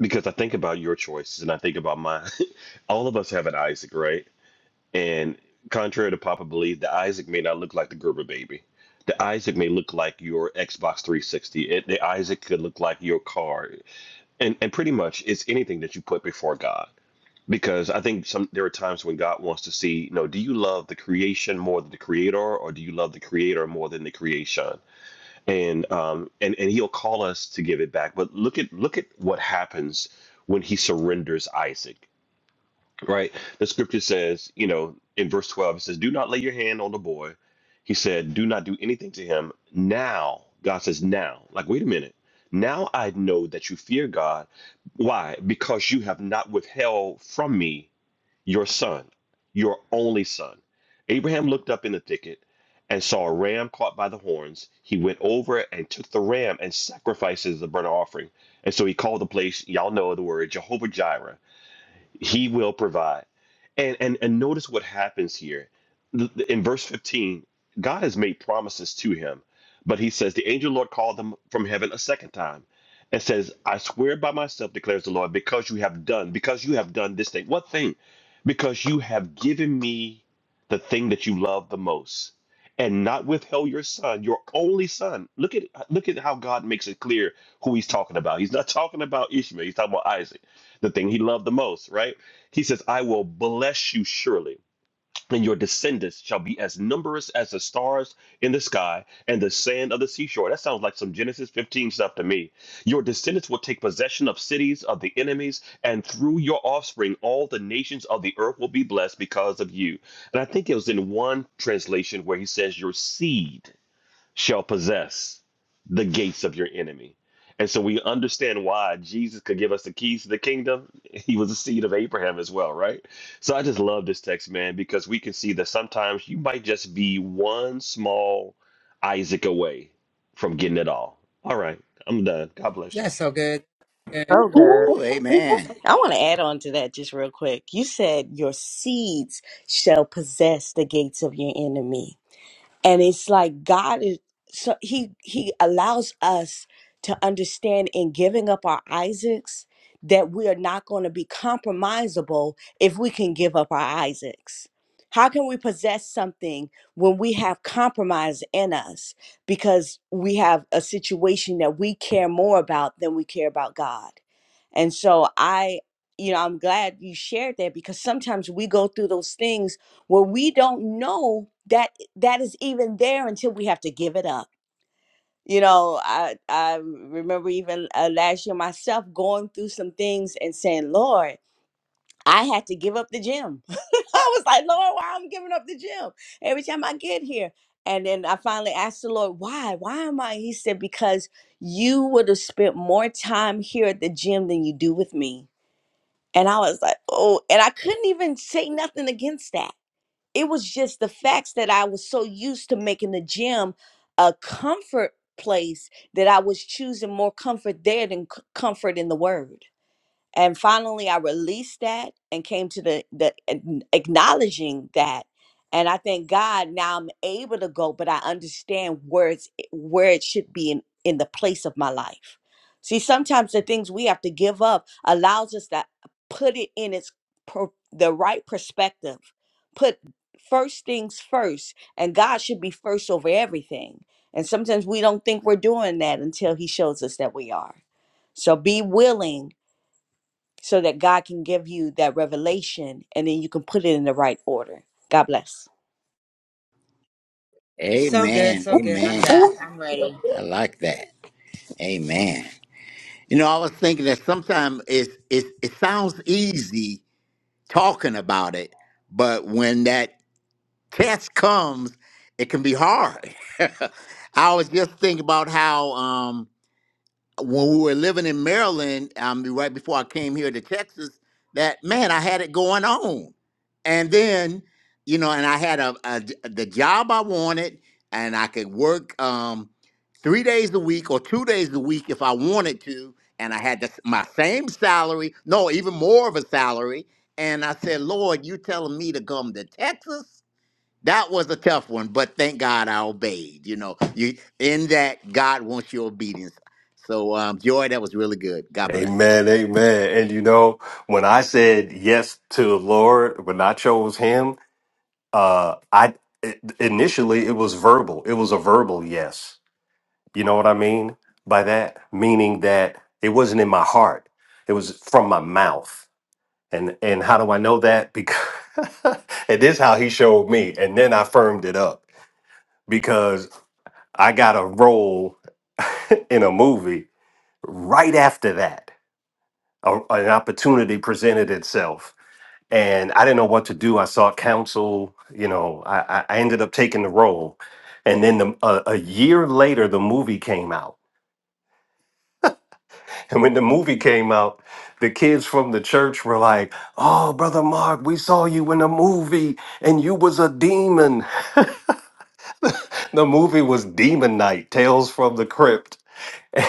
[SPEAKER 3] because I think about your choices and I think about mine. All of us have an Isaac, right? And contrary to Papa belief, the Isaac may not look like the Gerber baby. The Isaac may look like your Xbox 360. It, the Isaac could look like your car, and and pretty much it's anything that you put before God. Because I think some there are times when God wants to see, you know, do you love the creation more than the Creator, or do you love the Creator more than the creation? And um and and He'll call us to give it back. But look at look at what happens when He surrenders Isaac right? The scripture says, you know, in verse 12, it says, Do not lay your hand on the boy. He said, Do not do anything to him. Now, God says, Now, like, wait a minute. Now I know that you fear God. Why? Because you have not withheld from me your son, your only son. Abraham looked up in the thicket and saw a ram caught by the horns. He went over and took the ram and sacrificed it as a burnt offering. And so he called the place, y'all know the word, Jehovah Jireh. He will provide. And and and notice what happens here. Th- th- In verse 15, God has made promises to him, but he says, The angel of the Lord called them from heaven a second time and says, I swear by myself, declares the Lord, because you have done, because you have done this thing. What thing? Because you have given me the thing that you love the most. And not withheld your son, your only son. Look at look at how God makes it clear who he's talking about. He's not talking about Ishmael, he's talking about Isaac, the thing he loved the most, right? He says, I will bless you surely, and your descendants shall be as numerous as the stars in the sky and the sand of the seashore. That sounds like some Genesis 15 stuff to me. Your descendants will take possession of cities of the enemies, and through your offspring, all the nations of the earth will be blessed because of you. And I think it was in one translation where he says, Your seed shall possess the gates of your enemy. And so we understand why Jesus could give us the keys to the kingdom. He was a seed of Abraham as well, right? So I just love this text, man, because we can see that sometimes you might just be one small Isaac away from getting it all. All right, I'm done. God bless
[SPEAKER 8] That's
[SPEAKER 3] y'all.
[SPEAKER 8] so good. Good.
[SPEAKER 9] So good.
[SPEAKER 2] Ooh, amen.
[SPEAKER 9] I want to add on to that just real quick. You said your seeds shall possess the gates of your enemy and it's like god is so he he allows us to understand in giving up our isaacs that we are not going to be compromisable if we can give up our isaacs how can we possess something when we have compromise in us because we have a situation that we care more about than we care about god and so i you know i'm glad you shared that because sometimes we go through those things where we don't know that that is even there until we have to give it up. You know, I I remember even uh, last year myself going through some things and saying, "Lord, I had to give up the gym." I was like, "Lord, why I'm giving up the gym every time I get here?" And then I finally asked the Lord, "Why? Why am I?" He said, "Because you would have spent more time here at the gym than you do with me." And I was like, "Oh," and I couldn't even say nothing against that it was just the facts that I was so used to making the gym a comfort place that I was choosing more comfort there than c- comfort in the word and finally i released that and came to the the an- acknowledging that and i thank god now i'm able to go but i understand where it's eh, where it should be in in the place of my life see sometimes the things we have to give up allows us to put it in its pro, the right perspective put first things first and god should be first over everything and sometimes we don't think we're doing that until he shows us that we are so be willing so that God can give you that revelation and then you can put it in the right order. God bless.
[SPEAKER 8] So good,
[SPEAKER 2] Amen.
[SPEAKER 8] so good. I'm back.
[SPEAKER 2] Amen.
[SPEAKER 8] I'm ready.
[SPEAKER 2] I like that. Amen. You know, I was thinking that sometimes it, it, it sounds easy talking about it, but when that test comes, it can be hard. I was just thinking about how um, when we were living in Maryland, um, right before I came here to Texas, that man, I had it going on, and then you know, and I had a, a j- the job I wanted, and I could work um, three days a week or two days a week if I wanted to, and I had the, s- my same salary, no, even more of a salary, and I said, Lord, you telling me to come to Texas? That was a tough one, but thank God I obeyed. You know, you in that God wants your obedience. So, um, Joy, that was really good. God bless.
[SPEAKER 1] Amen, amen. And you know, when I said yes to the Lord, when I chose Him, uh i i- initially it was verbal it was a verbal yes you know what i mean by that meaning that it wasn't in my heart it was from my mouth and and how do i know that because and this is how he showed me and then i firmed it up because i got a role in a movie right after that a, an opportunity presented itself and I didn't know what to do. I sought counsel. You know, I, I I ended up taking the role, and then the, a, a year later, the movie came out. And when the movie came out, the kids from the church were like, "Oh, brother Mark, we saw you in a movie, and you was a demon." The movie was Demon Night: Tales from the Crypt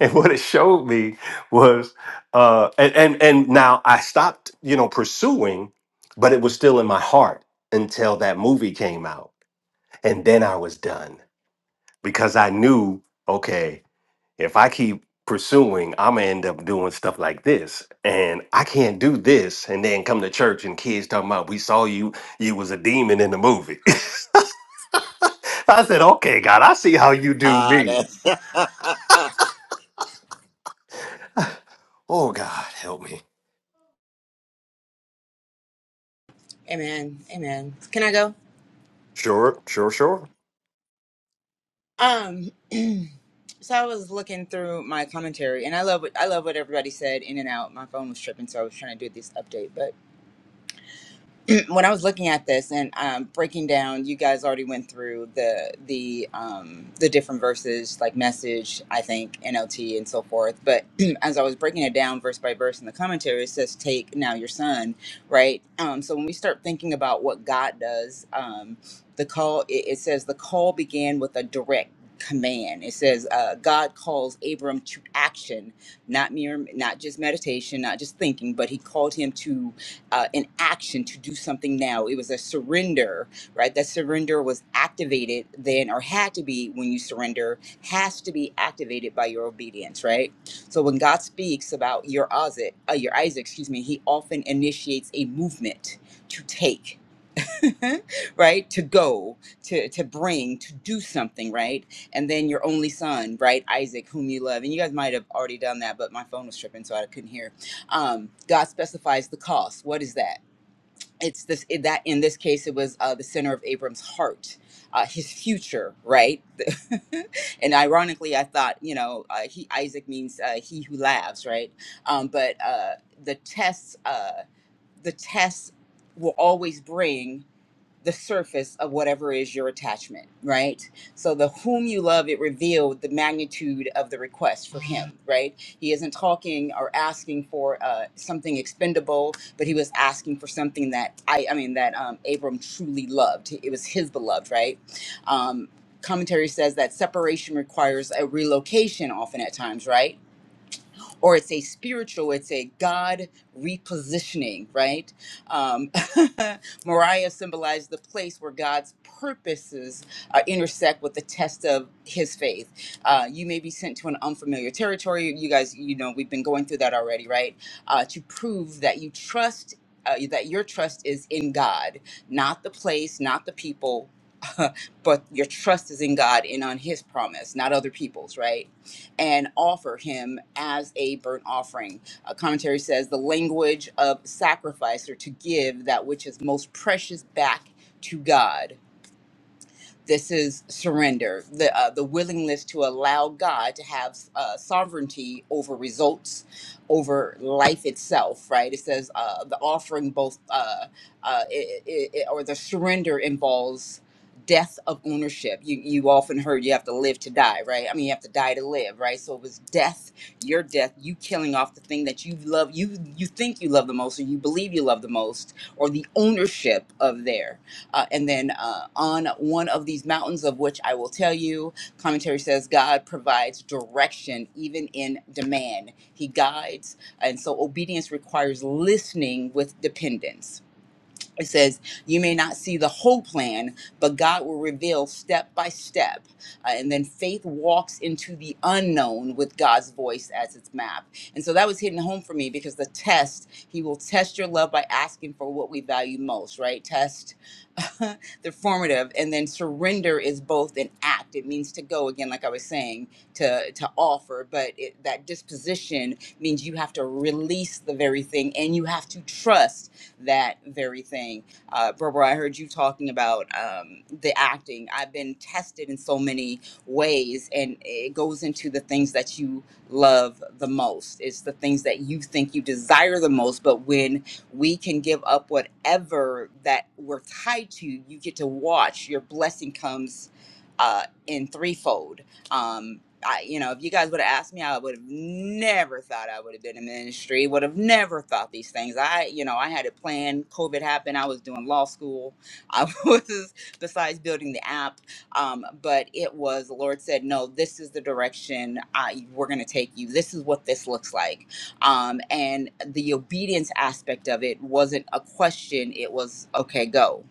[SPEAKER 1] and what it showed me was uh and, and and now i stopped you know pursuing but it was still in my heart until that movie came out and then i was done because i knew okay if i keep pursuing i'm gonna end up doing stuff like this and i can't do this and then come to church and kids talking about we saw you you was a demon in the movie i said okay god i see how you do
[SPEAKER 2] Ah,
[SPEAKER 1] me
[SPEAKER 2] that's
[SPEAKER 1] oh god help me
[SPEAKER 8] Amen. Amen. Can I go?
[SPEAKER 1] sure sure sure
[SPEAKER 8] Um so I was looking through my commentary and I love what I love what everybody said in and out. My phone was tripping, so I was trying to do this update. when I was looking at this and um, breaking down, you guys already went through the the um, the different verses, like message, I think NLT and so forth. But as I was breaking it down verse by verse in the commentary, it says, "Take now your son," right? Um, so when we start thinking about what God does, um, the call it, it says the call began with a direct command. It says uh, God calls Abram to action, not mere, not just meditation, not just thinking, but He called him to uh, an action to do something now. It was a surrender, right? That surrender was activated then, or had to be when you surrender, has to be activated by your obedience, right? So when God speaks about your Isaac, uh, your Isaac, excuse me, He often initiates a movement to take, right? To go, to to bring, to do something, right? And then your only son, right, Isaac, whom you love, and you guys might have already done that, but my phone was tripping, so I couldn't hear. Um, God specifies the cost. What is that? it's this it, that in this case it was uh, the center of Abram's heart, uh, his future, right? and ironically, I thought you know uh, he Isaac means uh, he who laughs, right? Um, but uh, the tests, uh, the tests will always bring the surface of whatever is your attachment, right? So the whom you love, it revealed the magnitude of the request for him, right? He isn't talking or asking for uh, something expendable, but he was asking for something that I, I mean, that um, Abram truly loved. It was his beloved, right? Um, commentary says that separation requires a relocation often at times, right? or it's a spiritual, it's a God repositioning, right? Um, Moriah symbolized the place where God's purposes uh, intersect with the test of his faith. Uh, you may be sent to an unfamiliar territory. You guys, you know, we've been going through that already, right? Uh, to prove that you trust. Uh, that your trust is in God, not the place, not the people, but your trust is in God and on His promise, not other people's, right? and offer him as a burnt offering. A commentary says the language of sacrifice or to give that which is most precious back to God. This is surrender, the, uh, the willingness to allow God to have uh, sovereignty over results, over life itself, right? It says uh, the offering both, uh, uh, it, it, it- or the surrender involves death of ownership. You, you often heard you have to live to die, right? I mean, you have to die to live, right? So it was death, your death, you killing off the thing that you love, you, you think you love the most, or you believe you love the most, or the ownership of there uh, and then uh, on one of these mountains, of which I will tell you, commentary says God provides direction even in demand. He guides, and so obedience requires listening with dependence it says you may not see the whole plan but god will reveal step by step Uh, and then faith walks into the unknown with god's voice as its map and so that was hitting home for me because the test he will test your love by asking for what we value most right test the formative and then surrender is both an act it means to go again like i was saying to to offer but it, that disposition means you have to release the very thing and you have to trust that very thing. Uh, Barbara, I heard you talking about um, the acting. I've been tested in so many ways, and it goes into the things that you love the most. It's the things that you think you desire the most. But when we can give up whatever that we're tied to, you get to watch your blessing comes uh, in threefold. Um, I, you know, if you guys would have asked me, I would have never thought I would have been in the industry. Would have never thought these things. I, you know, I had it planned. COVID happened. I was doing law school. I was besides building the app, um, but it was the Lord said, no, this is the direction I, we're going to take you. This is what this looks like. Um, and the obedience aspect of it wasn't a question. It was okay, go,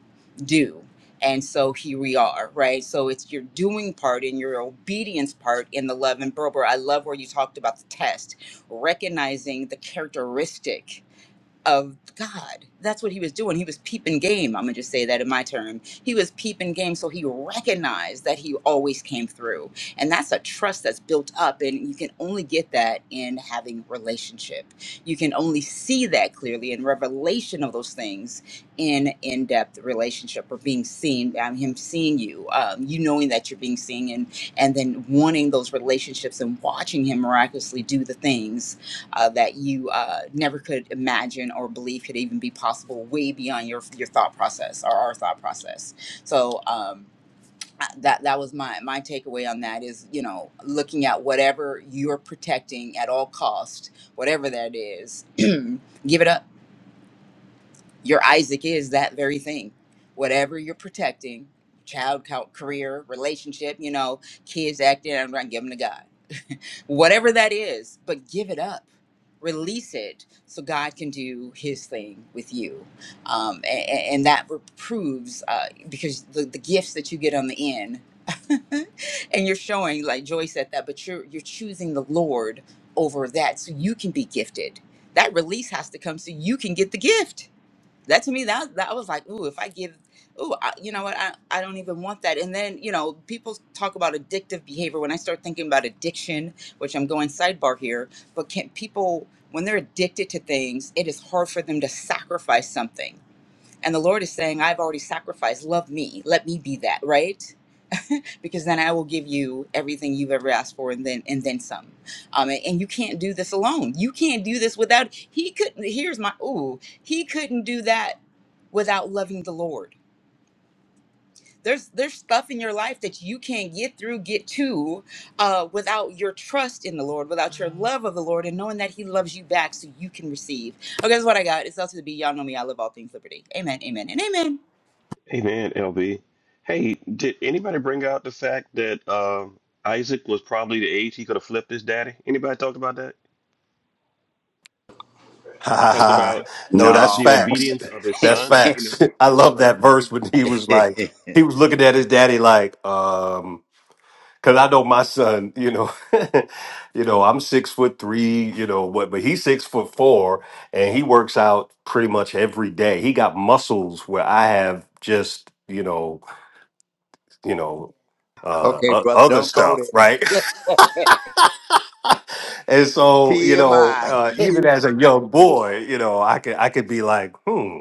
[SPEAKER 8] do. And so here we are, right? So it's your doing part and your obedience part in the love and Berber. I love where you talked about the test, recognizing the characteristic of God. That's what he was doing. He was peeping game. I'm going to just say that in my term. He was peeping game. So he recognized that he always came through. And that's a trust that's built up. And you can only get that in having relationship. You can only see that clearly in revelation of those things in in depth relationship or being seen, um, him seeing you, um, you knowing that you're being seen, and, and then wanting those relationships and watching him miraculously do the things uh, that you uh, never could imagine or believe could even be possible, way beyond your your thought process or our thought process. So um, I- that that was my my takeaway on that is you know looking at whatever you're protecting at all cost, whatever that is, give it up. Your Isaac is that very thing, whatever you're protecting. Child, co- career, relationship, you know, kids acting, I'm going to give them to God whatever that is, but give it up. Release it so God can do His thing with you, um, a- a- and, that proves uh, because the, the gifts that you get on the end, and you're showing like Joy said that, but you're you're choosing the Lord over that, so you can be gifted. That release has to come so you can get the gift that to me that that I was like ooh if i give ooh I, you know what I, I don't even want that and then you know people talk about addictive behavior when i start thinking about addiction which i'm going sidebar here but can people when they're addicted to things it is hard for them to sacrifice something and the lord is saying i've already sacrificed love me let me be that right because then i will give you everything you've ever asked for and then and then some um, and, and you can't do this alone you can't do this without he couldn't here's my ooh he couldn't do that without loving the Lord. There's there's stuff in your life that you can't get through, get to, uh, without your trust in the Lord, without your love of the Lord, and knowing that He loves you back, so you can receive. Okay, that's what I got. It's out to the B. Y'all know me. I love all things liberty. Amen. Amen. And amen.
[SPEAKER 3] Amen, LB. Hey, did anybody bring out the fact that um Isaac was probably the age he could have flipped his daddy? Anybody talked about that?
[SPEAKER 1] Ha ha
[SPEAKER 3] Talked about
[SPEAKER 1] ha. No, Yep. that's
[SPEAKER 2] No.
[SPEAKER 3] the
[SPEAKER 1] facts.
[SPEAKER 3] obedience of his
[SPEAKER 1] That's
[SPEAKER 3] son, you know.
[SPEAKER 1] facts. I love that verse when he was like, he was looking at his daddy like, um, cause I know my son, you know, you know, I'm six foot three, you know, what, but he's six foot four and he works out pretty much every day. He got muscles where I have just, you know, you know, uh,
[SPEAKER 2] Okay,
[SPEAKER 1] o-
[SPEAKER 2] brother,
[SPEAKER 1] other
[SPEAKER 2] don't go there.
[SPEAKER 1] stuff, right? and so, you know,
[SPEAKER 2] TMI.
[SPEAKER 1] uh, even as a young boy, you know, I could, I could be like, hmm.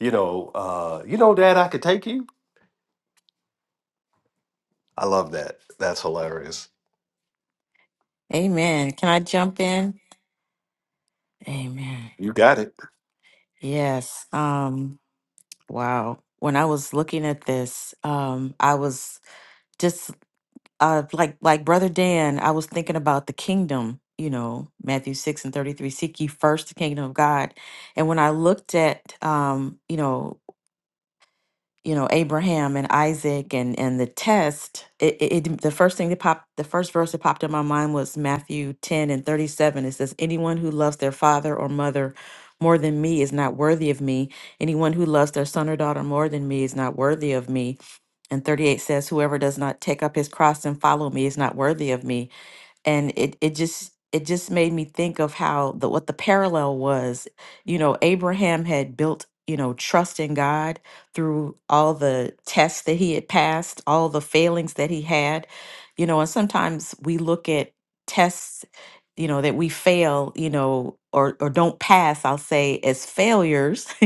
[SPEAKER 1] you know, uh, you know, Dad, I could take you. I love that. That's hilarious.
[SPEAKER 7] Amen. Can I jump in? Amen.
[SPEAKER 1] You got it.
[SPEAKER 7] Yes. Um wow. When I was looking at this, um I was just uh like like brother Dan, I was thinking about the kingdom, you know, Matthew 6 and 33, seek ye first the kingdom of God. And when I looked at um, you know, you know Abraham and Isaac and and the test it, it it- the first thing that popped the first verse that popped in my mind was Matthew 10 and 37 it says anyone who loves their father or mother more than me is not worthy of me anyone who loves their son or daughter more than me is not worthy of me and 38 says whoever does not take up his cross and follow me is not worthy of me and it it just it just made me think of how the what the parallel was you know abraham had built you know trust in god through all the tests that he had passed all the failings that he had you know and sometimes we look at tests you know that we fail you know or or don't pass i'll say as failures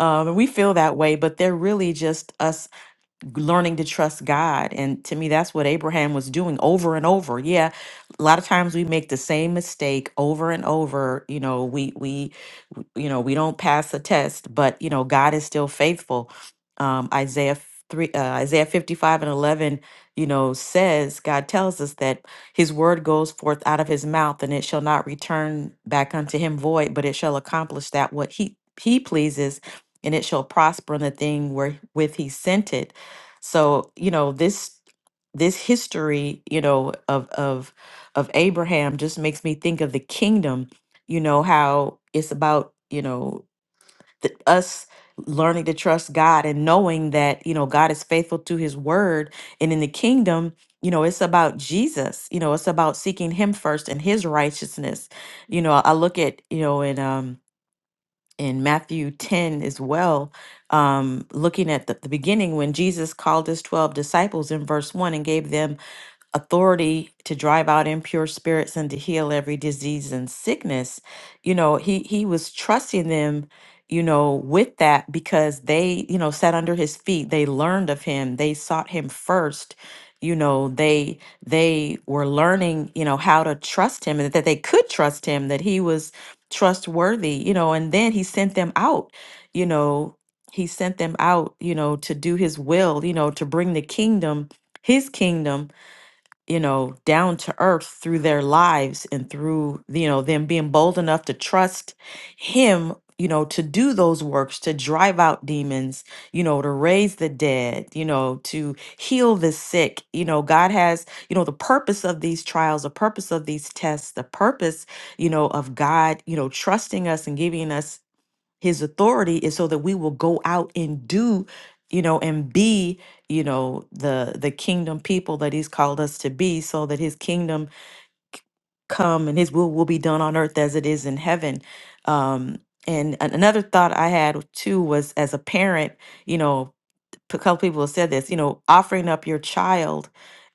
[SPEAKER 7] um and we feel that way but they're really just us learning to trust God. And to me, that's what Abraham was doing over and over. Yeah, a lot of times we make the same mistake over and over. You know, we we w- you know we don't pass the test, but you know God is still faithful. Um, Isaiah f- three, uh, Isaiah fifty five and eleven, you know, says God tells us that His word goes forth out of His mouth, and it shall not return back unto Him void, but it shall accomplish that what He He pleases. And it shall prosper in the thing wherewith he sent it. So, you know, this this history, you know, of of of Abraham just makes me think of the kingdom, you know, how it's about, you know, the, us learning to trust God and knowing that, you know, God is faithful to his word and in the kingdom, you know, it's about Jesus. You know, it's about seeking him first and his righteousness. You know, I look at, you know, in um in Matthew 10 as well, um, looking at the, the beginning when Jesus called his 12 disciples in verse 1 and gave them authority to drive out impure spirits and to heal every disease and sickness you know he he was trusting them you know with that because they you know sat under his feet they learned of him they sought him first you know they they were learning you know how to trust him and that they could trust him that he was trustworthy you know and then he sent them out you know he sent them out you know to do his will you know to bring the kingdom his kingdom you know, down to earth through their lives and through, you know, them being bold enough to trust Him, you know, to do those works, to drive out demons, you know, to raise the dead, you know, to heal the sick. You know, God has, you know, the purpose of these trials, the purpose of these tests, the purpose, you know, of God, you know, trusting us and giving us his authority is so that we will go out and do you know and be you know the the kingdom people that he's called us to be so that his kingdom come and his will will be done on earth as it is in heaven um and an- another thought i had too was as a parent you know a couple people have said this you know offering up your child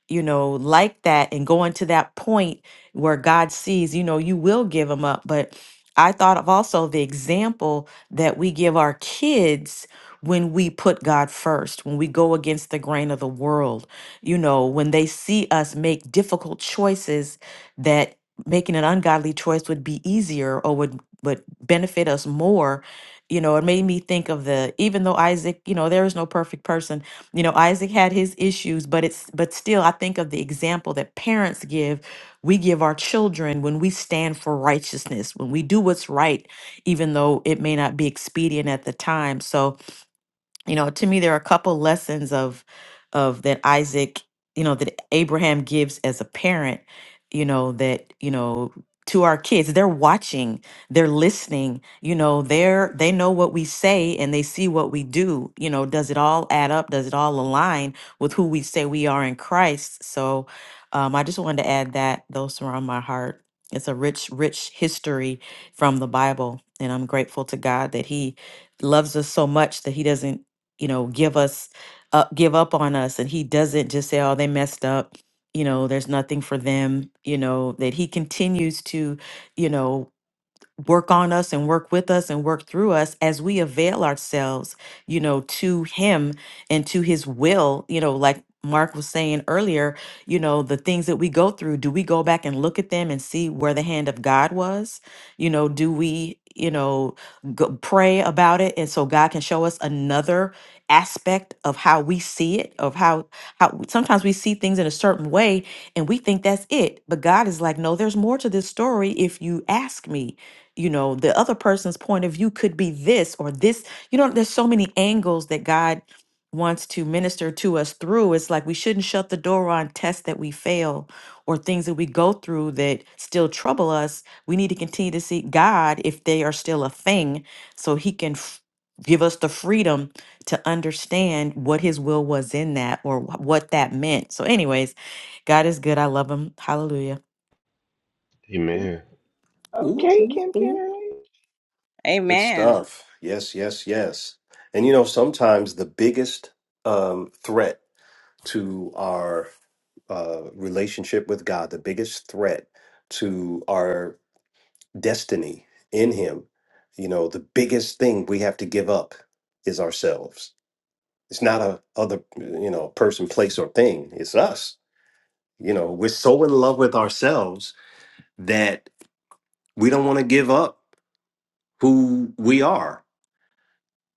[SPEAKER 7] you know, like that and going to that point where God sees, you know, you will give them up. But I thought of also the example that we give our kids when we put God first, when we go against the grain of the world, you know, when they see us make difficult choices that making an ungodly choice would be easier or would would benefit us more you know it made me think of the even though isaac you know there is no perfect person you know, Isaac had his issues, but it's but still I think of the example that parents give, we give our children when we stand for righteousness, when we do what's right even though it may not be expedient at the time. So, you know to me there are a couple lessons of of that isaac you know that abraham gives as a parent you know that you know to our kids they're watching they're listening you know they're they know what we say and they see what we do you know does it all add up does it all align with who we say we are in christ so um, i just wanted to add that those are on my heart it's a rich rich history from the bible and i'm grateful to god that he loves us so much that he doesn't you know, give us up, give up on us. And he doesn't just say, oh, they messed up. You know, there's nothing for them, you know, that he continues to, you know, work on us and work with us and work through us as we avail ourselves, you know, to him and to his will, you know, like Mark was saying earlier, you know, the things that we go through, do we go back and look at them and see where the hand of God was? You know, do we, you know, go, pray about it and so God can show us another aspect of how we see it, of how how sometimes we see things in a certain way and we think that's it. But God is like, no, there's more to this story if you ask me you know the other person's point of view could be this or this you know there's so many angles that god wants to minister to us through it's like we shouldn't shut the door on tests that we fail or things that we go through that still trouble us we need to continue to seek god if they are still a thing so he can f- give us the freedom to understand what his will was in that or wh- what that meant so anyways god is good i love him hallelujah
[SPEAKER 3] Amen.
[SPEAKER 1] Ooh,
[SPEAKER 10] Okay,
[SPEAKER 1] ooh,
[SPEAKER 10] Kim
[SPEAKER 1] ooh.
[SPEAKER 10] Kennerly.
[SPEAKER 1] Good
[SPEAKER 9] Amen.
[SPEAKER 1] stuff. Yes, yes, yes. And you know, sometimes the biggest um, threat to our uh, relationship with God, the biggest threat to our destiny in Him, you know, the biggest thing we have to give up is ourselves. It's not a other, you know, person, place, or thing. It's us. You know, we're so in love with ourselves that we don't want to give up who we are.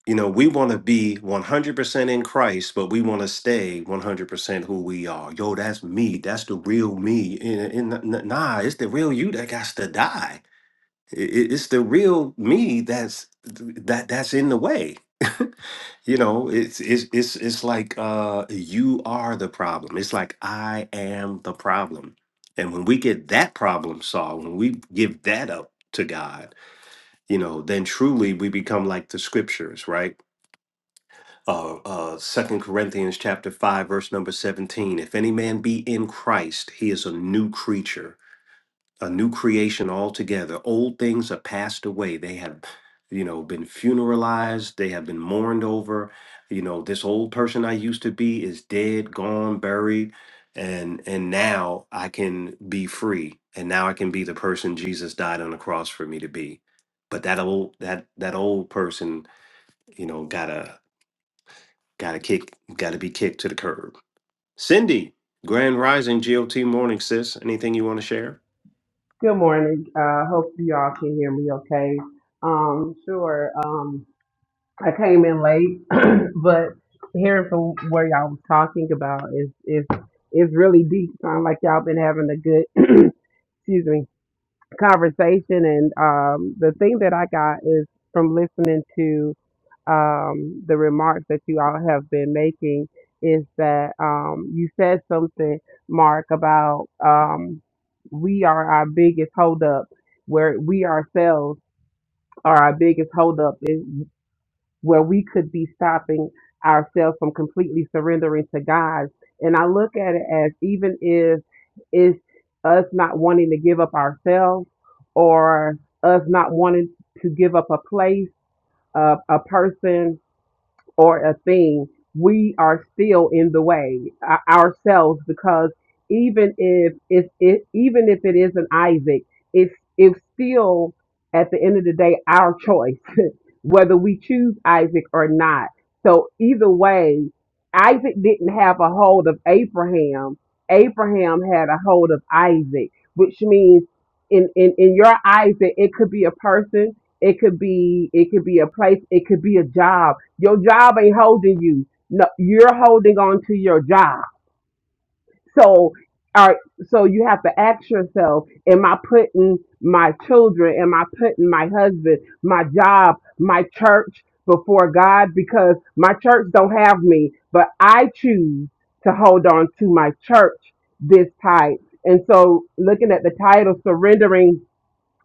[SPEAKER 1] You know, we want to be 100% in Christ, but we want to stay 100% who we are. Yo, that's me. That's the real me. And, and n- nah, it's the real you that got to die. I- i- It's the real me that's that that's in the way. you know, it's it's it's it's like uh you are the problem. It's like I am the problem. And when we get that problem solved, when we give that up to God, you know, then truly we become like the scriptures, right? Uh, uh, 2 Corinthians chapter 5, verse number 17. If any man be in Christ, he is a new creature a new creation altogether. Old things are passed away. They have, you know, been funeralized. They have been mourned over. You know, this old person I used to be is dead, gone, buried, and and now I can be free. And now I can be the person Jesus died on the cross for me to be. But that old that that old person, you know, gotta gotta kick gotta be kicked to the curb. Cindy, Grand Rising GOT morning, sis. Anything you want to share?
[SPEAKER 11] Good morning. Uh, hope you all can hear me okay. Um, sure. Um, I came in late, but hearing from where y'all was talking about is is is really deep. Sound like y'all been having a good excuse me conversation and um, the thing that I got is from listening to um, the remarks that you all have been making is that um, you said something, Mark, about um, we are our biggest holdup, where we ourselves are our biggest holdup where we could be stopping ourselves from completely surrendering to God. And I look at it as even if it's us not wanting to give up ourselves or us not wanting to give up a place, a, a person, or a thing, we are still in the way uh, ourselves because even if it's it, even if it is an Isaac, it's it's still at the end of the day our choice whether we choose Isaac or not. So either way, Isaac didn't have a hold of Abraham. Abraham had a hold of Isaac, which means in, in, in your Isaac, it could be a person, it could be it could be a place, it could be a job your job ain't holding you. No, you're holding on to your job. So, all right, so you have to ask yourself, am I putting my children, am I putting my husband, my job, my church before God? Because my church don't have me, but I choose to hold on to my church this tight. And so looking at the title, surrendering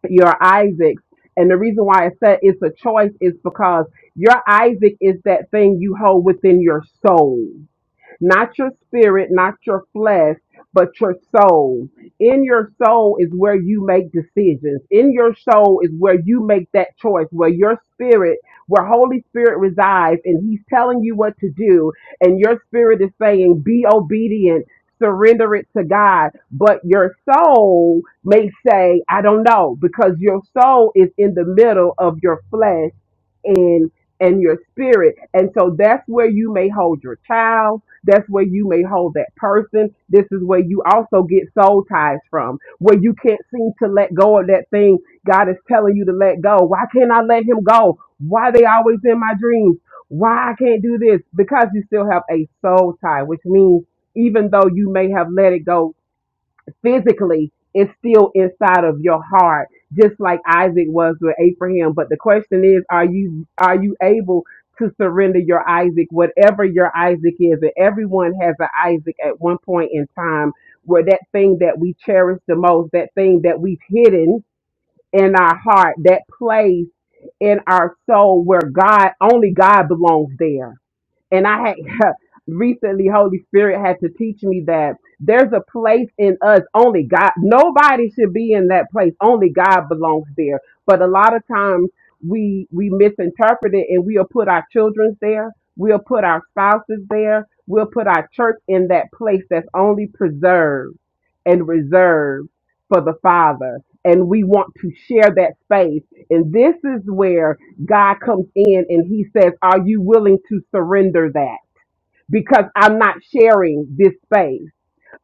[SPEAKER 11] your Isaacs. And the reason why I said it's a choice is because your Isaac is that thing you hold within your soul not your spirit, not your flesh, but your soul. In your soul is where you make decisions. In your soul is where you make that choice, where your spirit, where Holy Spirit resides, and He's telling you what to do, and your spirit is saying, be obedient. Surrender it to God, but your soul may say, I don't know, because your soul is in the middle of your flesh and and your spirit and so that's where you may hold your child that's where you may hold that person this is where you also get soul ties from where you can't seem to let go of that thing god is telling you to let go why can't i let him go why they always in my dreams why i can't do this because you still have a soul tie which means even though you may have let it go physically it's still inside of your heart, just like Isaac was with Abraham. But the question is, are you are you able to surrender your Isaac, whatever your Isaac is? And everyone has an Isaac at one point in time where that thing that we cherish the most, that thing that we've hidden in our heart, that place in our soul where God only God belongs there and I had recently Holy Spirit had to teach me that there's a place in us only God nobody should be in that place only God belongs there but a lot of times we we misinterpret it and we'll put our children there we'll put our spouses there we'll put our church in that place that's only preserved and reserved for the Father and we want to share that space and this is where God comes in and he says, Are you willing to surrender that? Because I'm not sharing this space.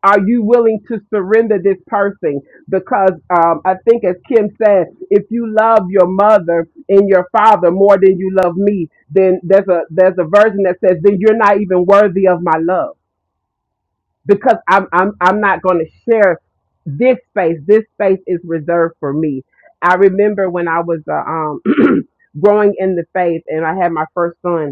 [SPEAKER 11] Are you willing to surrender this person? Because um, I think, as Kim said, if you love your mother and your father more than you love me, then there's a there's a version that says, then you're not even worthy of my love because I'm I'm I'm not going to share this space. This space is reserved for me. I remember when I was uh, um growing in the faith and I had my first son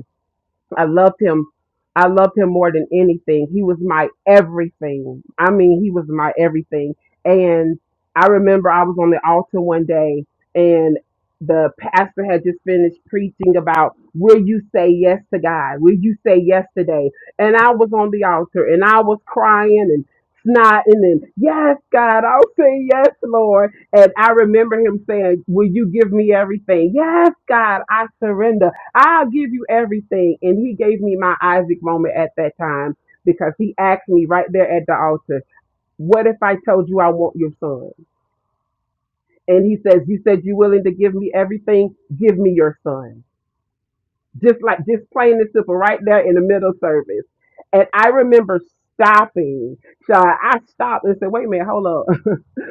[SPEAKER 11] I loved him. I loved him more than anything. He was my everything. I mean, he was my everything. And I remember I was on the altar one day and the pastor had just finished preaching about will you say yes to God? Will you say yes today? And I was on the altar and I was crying and snotting and yes, God, I'll say yes, Lord. And I remember him saying, Will you give me everything? Yes, God, I surrender. I'll give you everything. And he gave me my Isaac moment at that time because he asked me right there at the altar, What if I told you I want your son? And he says, You said you're willing to give me everything, give me your son just like just plain and simple right there in the middle service. And I remember stopping. So I stopped and said, wait a minute, hold up.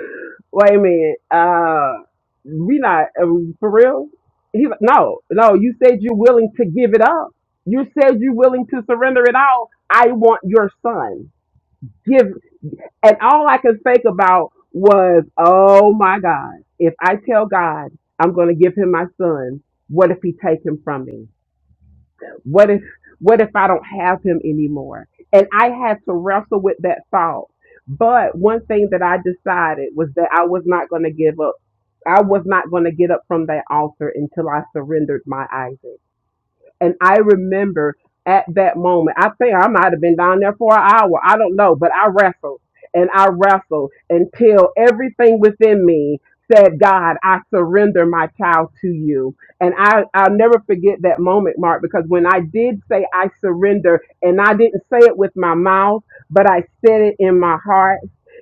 [SPEAKER 11] wait a minute. Uh we not uh, for real? He's like, no, no, you said you're willing to give it up. You said you're willing to surrender it all. I want your son. Give and all I could think about was, oh my God, if I tell God I'm gonna give him my son, what if he take him from me? What if what if I don't have him anymore? And I had to wrestle with that thought. But one thing that I decided was that I was not going to give up. I was not going to get up from that altar until I surrendered my Isaac. And I remember at that moment, I think I might have been down there for an hour. I don't know, but I wrestled and I wrestled until everything within me said, God, I surrender my child to you. And I, I'll never forget that moment, Mark, because when I did say I surrender, and I didn't say it with my mouth, but I said it in my heart,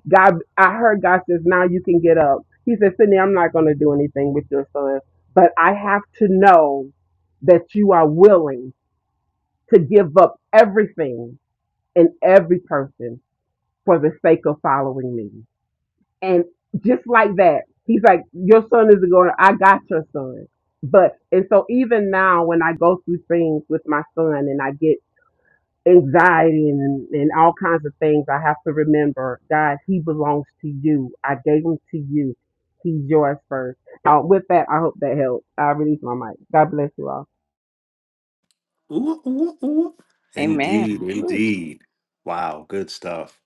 [SPEAKER 11] God, I heard God says, now you can get up. He said, Sydney, I'm not going to do anything with your son, but I have to know that you are willing to give up everything and every person for the sake of following me. And just like that, he's like, Your son is going, I got your son. But, and so even now, when I go through things with my son and I get anxiety and, and all kinds of things, I have to remember, God, he belongs to you. I gave him to you. He's yours first. Uh, with that, I hope that helps. I release my mic. God bless you all.
[SPEAKER 1] Ooh, ooh, ooh.
[SPEAKER 9] Amen.
[SPEAKER 1] Indeed,
[SPEAKER 9] Whew.
[SPEAKER 1] indeed. Wow, good stuff.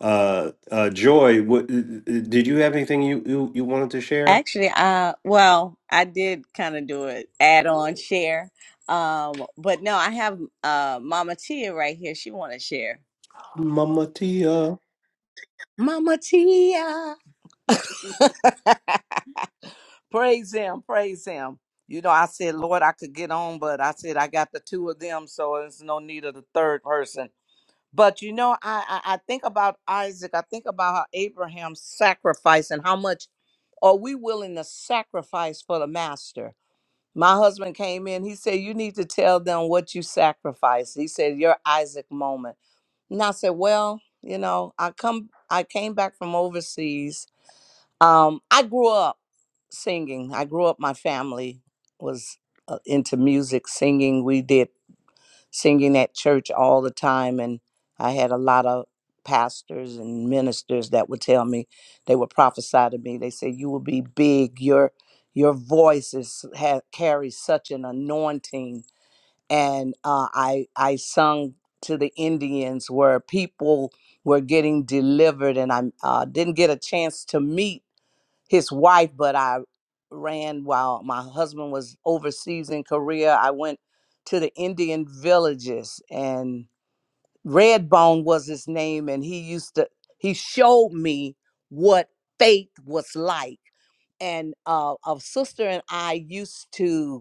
[SPEAKER 1] Uh, uh, Joy, what, did you have anything you, you, you wanted to share?
[SPEAKER 9] Actually, uh, well, I did kind of do it add on share, um, but no, I have uh, Mama Tia right here. She want to share.
[SPEAKER 1] Mama Tia. Ooh,
[SPEAKER 9] Mama Tia. praise him, praise him. You know, I said, Lord, I could get on, but I said I got the two of them, so there's no need of the third person. But you know, I, I I think about Isaac. I think about how Abraham sacrificed and how much are we willing to sacrifice for the master. My husband came in. He said, "You need to tell them what you sacrificed." He said, "Your Isaac moment." And I said, "Well, you know, I come. I came back from overseas. Um, I grew up singing. I grew up. My family was uh, into music, singing. We did singing at church all the time and i had a lot of pastors and ministers that would tell me they would prophesy to me they said you will be big your your voice is ha- carries such an anointing and uh, i i sung to the indians where people were getting delivered and i uh, didn't get a chance to meet his wife, but I ran while my husband was overseas in Korea. I went to the Indian villages and Redbone was his name and he used to he showed me what faith was like. And uh, a sister and I used to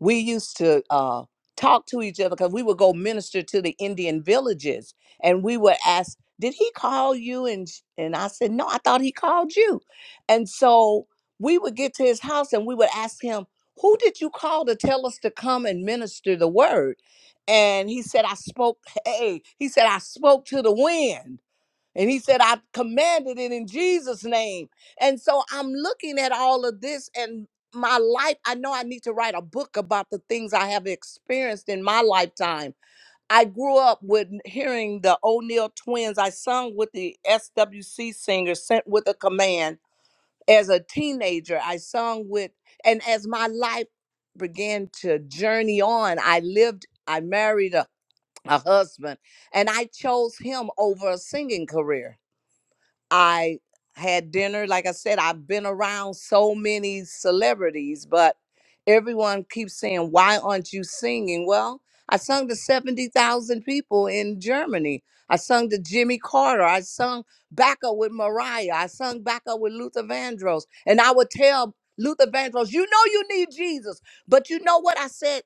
[SPEAKER 9] we used to uh, talk to each other because we would go minister to the Indian villages, and we would ask, "Did he call you?" And sh- and I said, "No, I thought he called you." And so we would get to his house, and we would ask him, "Who did you call to tell us to come and minister the word?" And he said, "I spoke." Hey, he said, "I spoke to the wind." And he said, I commanded it in Jesus' name. And so I'm looking at all of this and my life. I know I need to write a book about the things I have experienced in my lifetime. I grew up with hearing the O'Neill twins. I sung with the SWC singer, Sent with a Command. As a teenager, I sung with, and as my life began to journey on, I lived, I married a, a husband, and I chose him over a singing career I had dinner. Like I said, I've been around so many celebrities, but everyone keeps saying, Why aren't you singing? Well, I sung to 70,000 people in Germany. I sung to Jimmy Carter. I sung backup with Mariah. I sung backup with Luther Vandross. And I would tell Luther Vandross, You know you need Jesus. But you know what I said?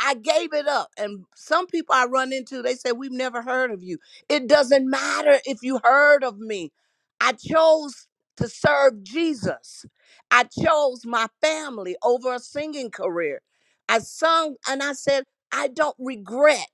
[SPEAKER 9] I gave it up. And some people I run into, they say, We've never heard of you. It doesn't matter if you heard of me. I chose to serve Jesus. I chose my family over a singing career. I sung and I said, I don't regret.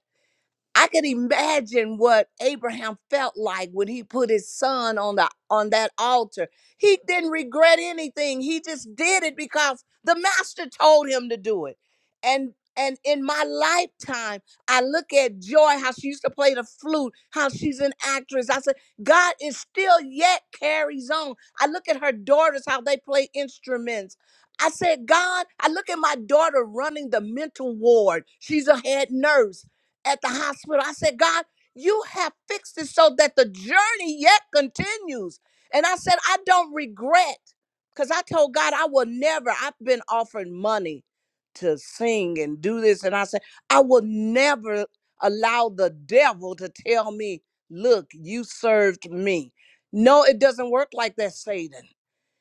[SPEAKER 9] I could imagine what Abraham felt like when he put his son on the on that altar. He didn't regret anything. He just did it because the master told him to do it. And and in my lifetime, I look at Joy, how she used to play the flute, how she's an actress. I said, God is still yet carries on. I look at her daughters, how they play instruments. I said, God, I look at my daughter running the mental ward. She's a head nurse at the hospital. I said, God, you have fixed it so that the journey yet continues. And I said, I don't regret because I told God I will never, I've been offered money to sing and do this. And I said, I will never allow the devil to tell me, look, you served me. No, it doesn't work like that, Satan.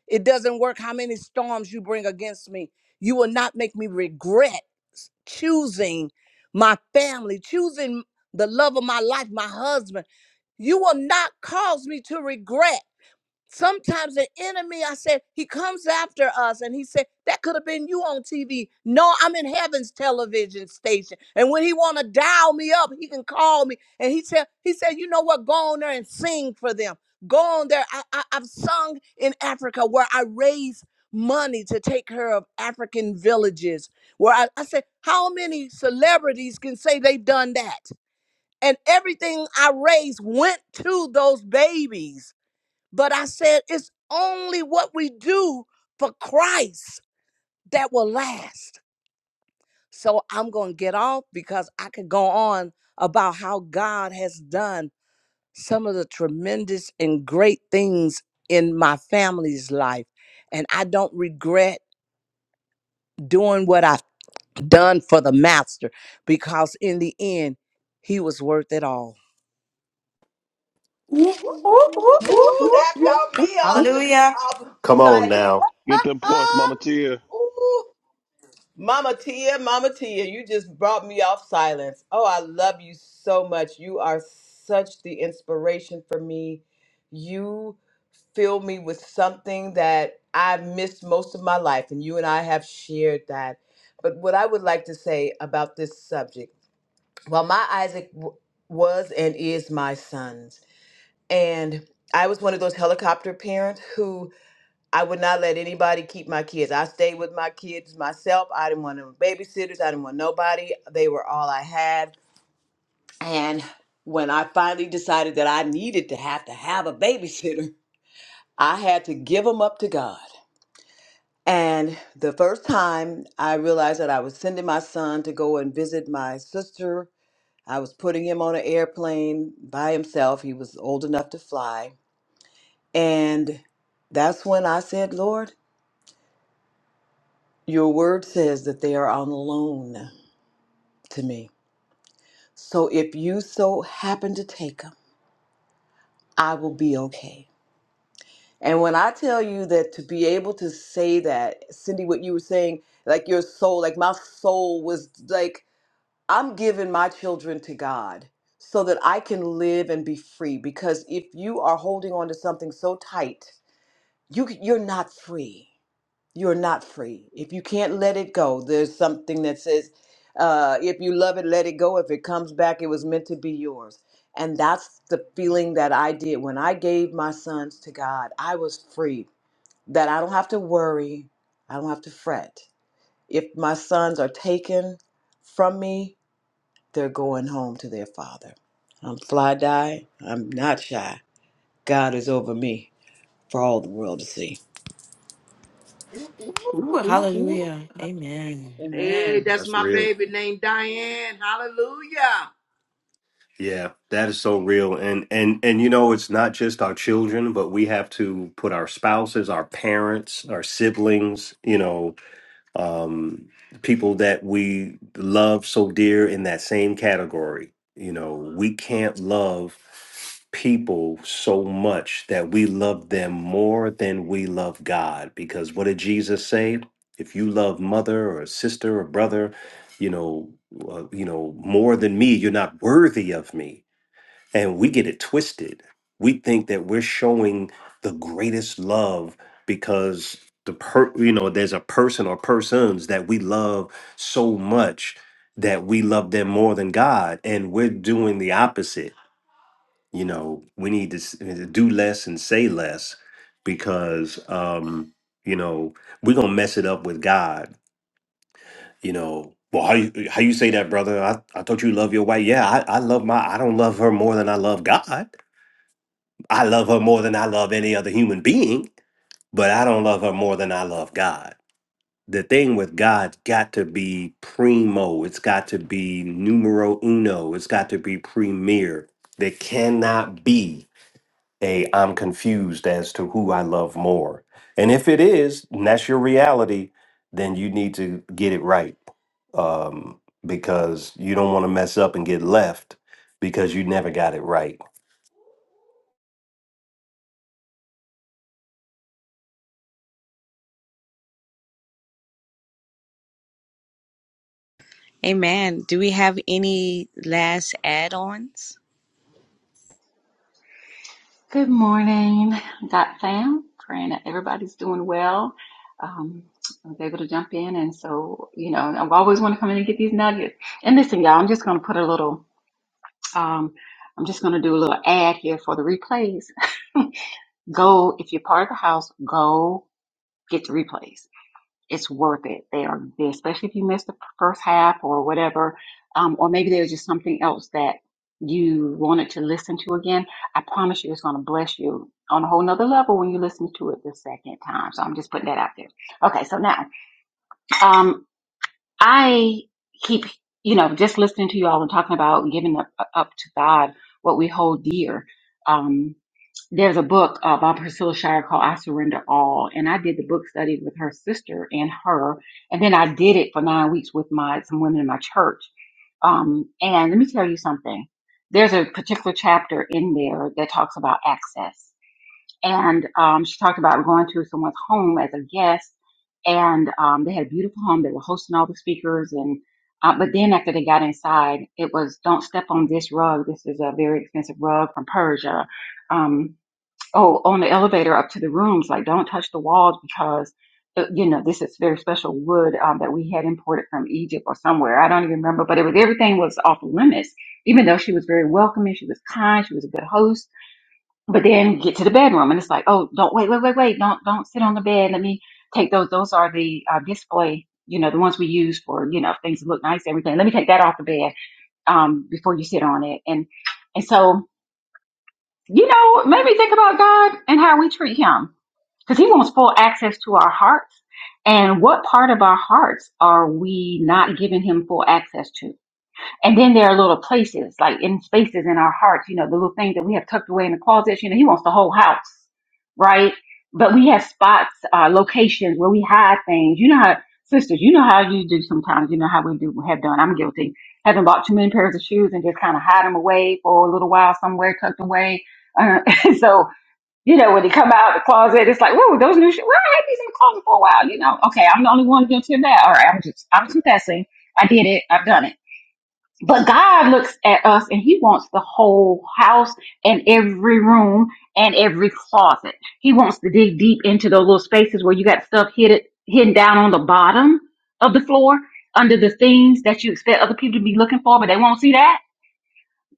[SPEAKER 9] It doesn't work how many storms you bring against me. You will not make me regret s- choosing my family, choosing the love of my life, my husband. You will not cause me to regret. Sometimes the enemy, I said, he comes after us and he said, that could have been you on TV. No, I'm in heaven's television station. And when he want to dial me up, he can call me. And he said, he said, you know what? Go on there and sing for them. Go on there. I, I, I've sung in Africa where I raise money to take care of African villages. Where I, I said, how many celebrities can say they've done that? And everything I raised went to those babies but I said, it's only what we do for Christ that will last. So I'm going to get off because I could go on about how God has done some of the tremendous and great things in my family's life. And I don't regret doing what I've done for the master because in the end, he was worth it all.
[SPEAKER 1] ooh,
[SPEAKER 12] Woo, that got me off the
[SPEAKER 7] Hallelujah.
[SPEAKER 12] off the
[SPEAKER 1] Come on
[SPEAKER 12] silent.
[SPEAKER 1] now.
[SPEAKER 3] Get them points, Mama Tia.
[SPEAKER 12] Ooh. Mama Tia, Mama Tia, you just brought me off silence. Oh, I love you so much. You are such the inspiration for me. You fill me with something that I've missed most of my life, and you and I have shared that. But what I would like to say about this subject, while my Isaac w- was and is my son, and I was one of those helicopter parents who I would not let anybody keep my kids. I stayed with my kids myself. I didn't want no babysitters. I didn't want nobody. They were all I had. And when I finally decided that I needed to have to have a babysitter, I had to give them up to God. And the first time I realized that I was sending my son to go and visit my sister, I was putting him on an airplane by himself. He was old enough to fly And that's when I said, Lord, your word says that they are on loan to me. So if you so happen to take them, I will be okay. And when I tell you that to be able to say that, Cindy, what you were saying, like your soul, like my soul was like, I'm giving my children to God so that I can live and be free. Because if you are holding on to something so tight, you, you're not free. you're not free. If you can't let it go, there's something that says, uh, if you love it, let it go. If it comes back, it was meant to be yours. And that's the feeling that I did when I gave my sons to God. I was free, that I don't have to worry, I don't have to fret. If my sons are taken from me, they're going home to their father. I'm fly die, I'm not shy. God is over me for all the world to see.
[SPEAKER 1] Ooh,
[SPEAKER 7] Ooh,
[SPEAKER 1] ooh, ooh.
[SPEAKER 7] hallelujah. Amen.
[SPEAKER 9] Amen. Hey, Amen. that's
[SPEAKER 1] That's
[SPEAKER 9] my
[SPEAKER 1] real.
[SPEAKER 9] baby named Diane. Hallelujah.
[SPEAKER 1] Yeah, that is so real. And and and you know, it's not just our children, but we have to put our spouses, our parents, our siblings, you know, um, people that we love so dear in that same category. You know, we can't love people so much that we love them more than we love God. Because what did Jesus say? If you love mother or sister or brother, you know, uh, you know more than me, you're not worthy of me and we get it twisted. We think that we're showing the greatest love because the per you know, there's a person or persons that we love so much that we love them more than God. And we're doing the opposite. You know, we need to s- do less and say less because um, you know, we're gonna mess it up with God, you know. Well, how you how you say that, brother? I, I thought you love your wife. Yeah, I, I love my I don't love her more than I love God I love her more than I love any other human being, but I don't love her more than I love God. The thing with God's got to be primo, it's got to be numero uno, it's got to be premier. There cannot be a I'm confused as to who I love more. And if it is, and that's your reality, then you need to get it right um, because you don't want to mess up and get left because you never got it right
[SPEAKER 9] Amen. Do we have any last add ons?
[SPEAKER 13] Good morning, Dot Fam. Praying that everybody's doing well. Um, I was able to jump in, and so you know, I've always want to come in and get these nuggets. And listen, y'all, I'm just going to put a little. Um, I'm just going to do a little ad here for the replays. go if you're part of the house. Go get the replays it's worth it. They are there, especially if you missed the first half or whatever, um, or maybe there's just something else that you wanted to listen to again. I promise you, it's going to bless you on a whole nother level when you listen to it the second time. So I'm just putting that out there. Okay, so now um, I keep, you know, just listening to you all and talking about giving up, up to God what we hold dear. Um, there's a book uh, by Priscilla Shire called I Surrender All. And I did the book study with her sister and her. And then I did it for nine weeks with my some women in my church. Um, and let me tell you something. There's a particular chapter in there that talks about access. And um, she talked about going to someone's home as a guest. And um, they had a beautiful home. They were hosting all the speakers. And uh, but then after they got inside, it was don't step on this rug. This is a very expensive rug from Persia. Um, oh, on the elevator up to the rooms, like don't touch the walls because, uh, you know, this is very special wood um, that we had imported from Egypt or somewhere. I don't even remember, but it was everything was off limits. Even though she was very welcoming, she was kind, she was a good host. But then get to the bedroom, and it's like, oh, don't wait, wait, wait, wait, don't don't sit on the bed. Let me take those. Those are the uh, display. You know, the ones we use for, you know, things that look nice, everything. Let me take that off the bed um, before you sit on it. And and so, you know, maybe think about God and how we treat him because he wants full access to our hearts. And what part of our hearts are we not giving him full access to? And then there are little places, like in spaces in our hearts, you know, the little things that we have tucked away in the closets, you know, he wants the whole house, right? But we have spots, uh, locations where we hide things. You know how, sisters, you know how you do sometimes, you know how we do, have done. I'm guilty. Having bought too many pairs of shoes and just kind of hide them away for a little while somewhere tucked away. Uh, so, you know, when they come out of the closet, it's like, whoa, those new shoes. Well, I had these in the closet for a while, you know. Okay, I'm the only one guilty of that. All right, I'm just, I'm confessing. I did it. I've done it. But God looks at us and He wants the whole house and every room and every closet. He wants to dig deep into those little spaces where you got stuff hidden, hidden down on the bottom of the floor under the things that you expect other people to be looking for, but they won't see that.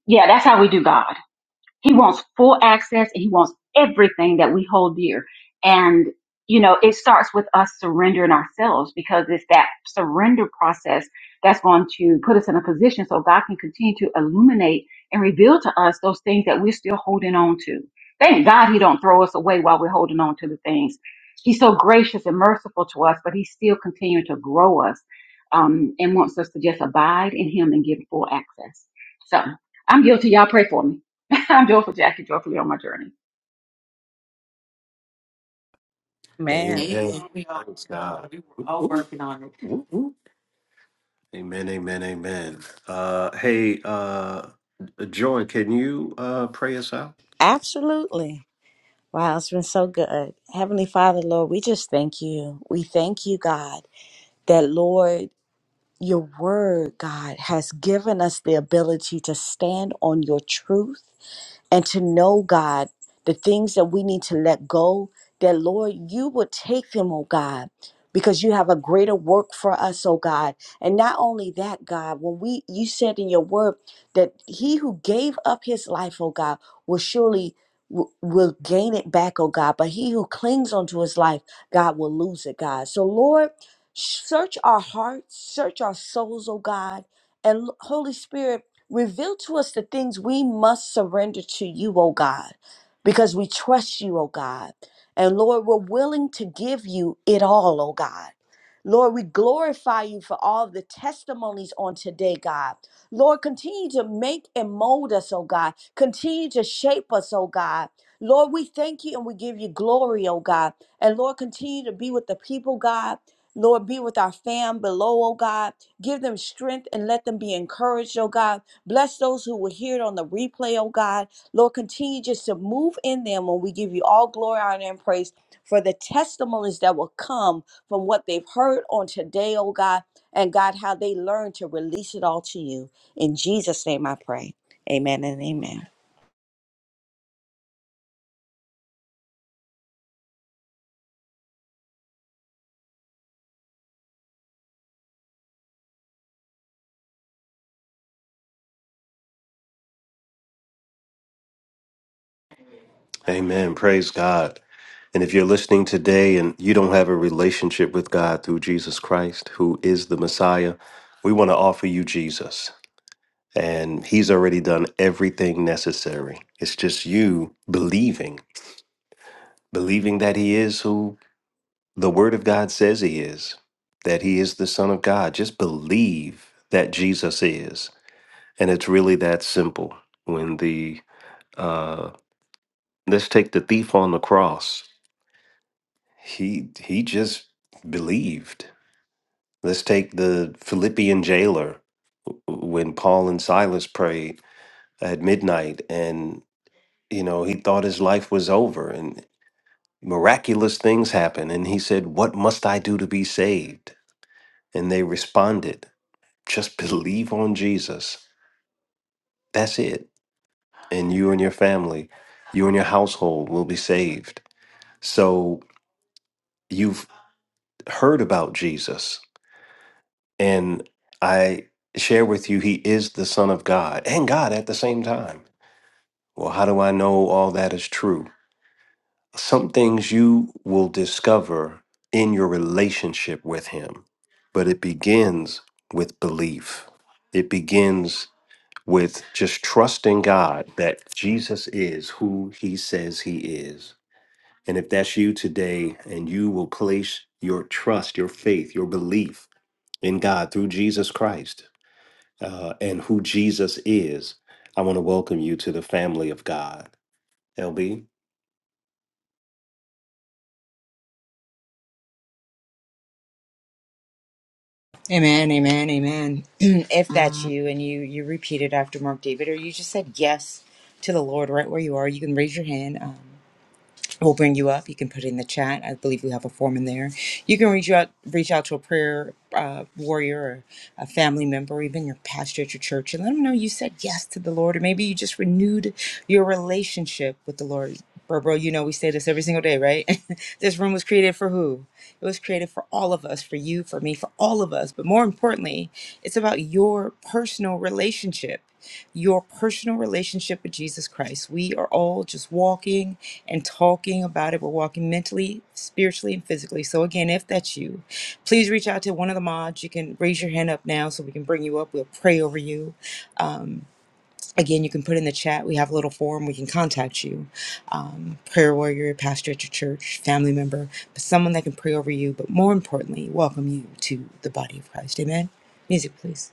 [SPEAKER 13] Yeah, that's how we do God. He wants full access and he wants everything that we hold dear. And, you know, it starts with us surrendering ourselves because it's that surrender process that's going to put us in a position so God can continue to illuminate and reveal to us those things that we're still holding on to. Thank God he don't throw us away while we're holding on to the things. He's so gracious and merciful to us, but he's still continuing to grow us um, and wants us to just abide in him and give full access. So I'm guilty. Y'all pray for me. I'm joyful Jackie, joyfully on my journey.
[SPEAKER 1] Amen.
[SPEAKER 9] Amen.
[SPEAKER 1] Praise God. Whoop, whoop, whoop, whoop, whoop. Amen. Amen. Amen. Uh, hey, uh, Joy, can you uh, pray us out?
[SPEAKER 9] Absolutely. Wow, it's been so good. Heavenly Father, Lord, we just thank you. We thank you, God, that, Lord, your word, God, has given us the ability to stand on your truth and to know, God, the things that we need to let go, that Lord, you would take them, oh God, because you have a greater work for us, oh God. And not only that, God, when we you said in your word that he who gave up his life, oh God, will surely w- will gain it back, oh God. But he who clings onto his life, God will lose it, God. So Lord, search our hearts, search our souls, oh God. And Holy Spirit, Reveal to us the things we must surrender to you, O God, because we trust you, O God. And Lord, we're willing to give you it all, O God. Lord, we glorify you for all the testimonies on today, God. Lord, continue to make and mold us, oh God. Continue to shape us, oh God. Lord, we thank you and we give you glory, oh God. And Lord, continue to be with the people, God. Lord, be with our fam below, oh God. Give them strength and let them be encouraged, oh God. Bless those who will hear it on the replay, oh God. Lord, continue just to move in them when we give you all glory, honor, and praise for the testimonies that will come from what they've heard on today, oh God. And God, how they learn to release it all to you. In Jesus' name I pray. Amen and amen.
[SPEAKER 1] Amen. Praise God. And if you're listening today and you don't have a relationship with God through Jesus Christ, who is the Messiah, we want to offer you Jesus. And He's already done everything necessary. It's just you believing, believing that He is who The Word of God says He is, that He is the Son of God. Just believe that Jesus is. And it's really that simple. When the, uh, let's take the thief on the cross, he, he just believed. Let's take the Philippian jailer when Paul and Silas prayed at midnight and, you know, he thought his life was over and miraculous things happened. And he said, What must I do to be saved? And they responded. Just believe on Jesus. That's it. And you and your family, you and your household will be saved. So you've heard about Jesus. And I share with you, he is the Son of God and God at the same time. Well, how do I know all that is true? Some things you will discover in your relationship with him, but it begins with belief. It begins with just trusting God that Jesus is who he says he is. And if that's you today and you will place your trust, your faith, your belief in God through Jesus Christ uh, and who Jesus is, I want to welcome you to the family of God. LB?
[SPEAKER 8] Amen, amen, amen. if that's you and you you repeated after Mark David, or you just said yes to the Lord right where you are, you can raise your hand. We'll bring you up. You can put it in the chat. I believe we have a form in there. You can reach out, reach out to a prayer uh, warrior or a family member, even your pastor at your church, and let them know you said yes to the Lord, or maybe you just renewed your relationship with the Lord. Bro, bro, you know we say this every single day, right? this room was created for who? It was created for all of us, for you, for me, for all of us. But more importantly, it's about your personal relationship your personal relationship with Jesus Christ. We are all just walking and talking about it. We're walking mentally, spiritually, and physically. So, again, if that's you, please reach out to one of the mods. You can raise your hand up now so we can bring you up. We'll pray over you. Again, you can put in the chat. We have a little form. We can contact you. Um, prayer warrior, pastor at your church, family member, but someone that can pray over you, but more importantly, welcome you to the body of Christ. Amen. Music, please.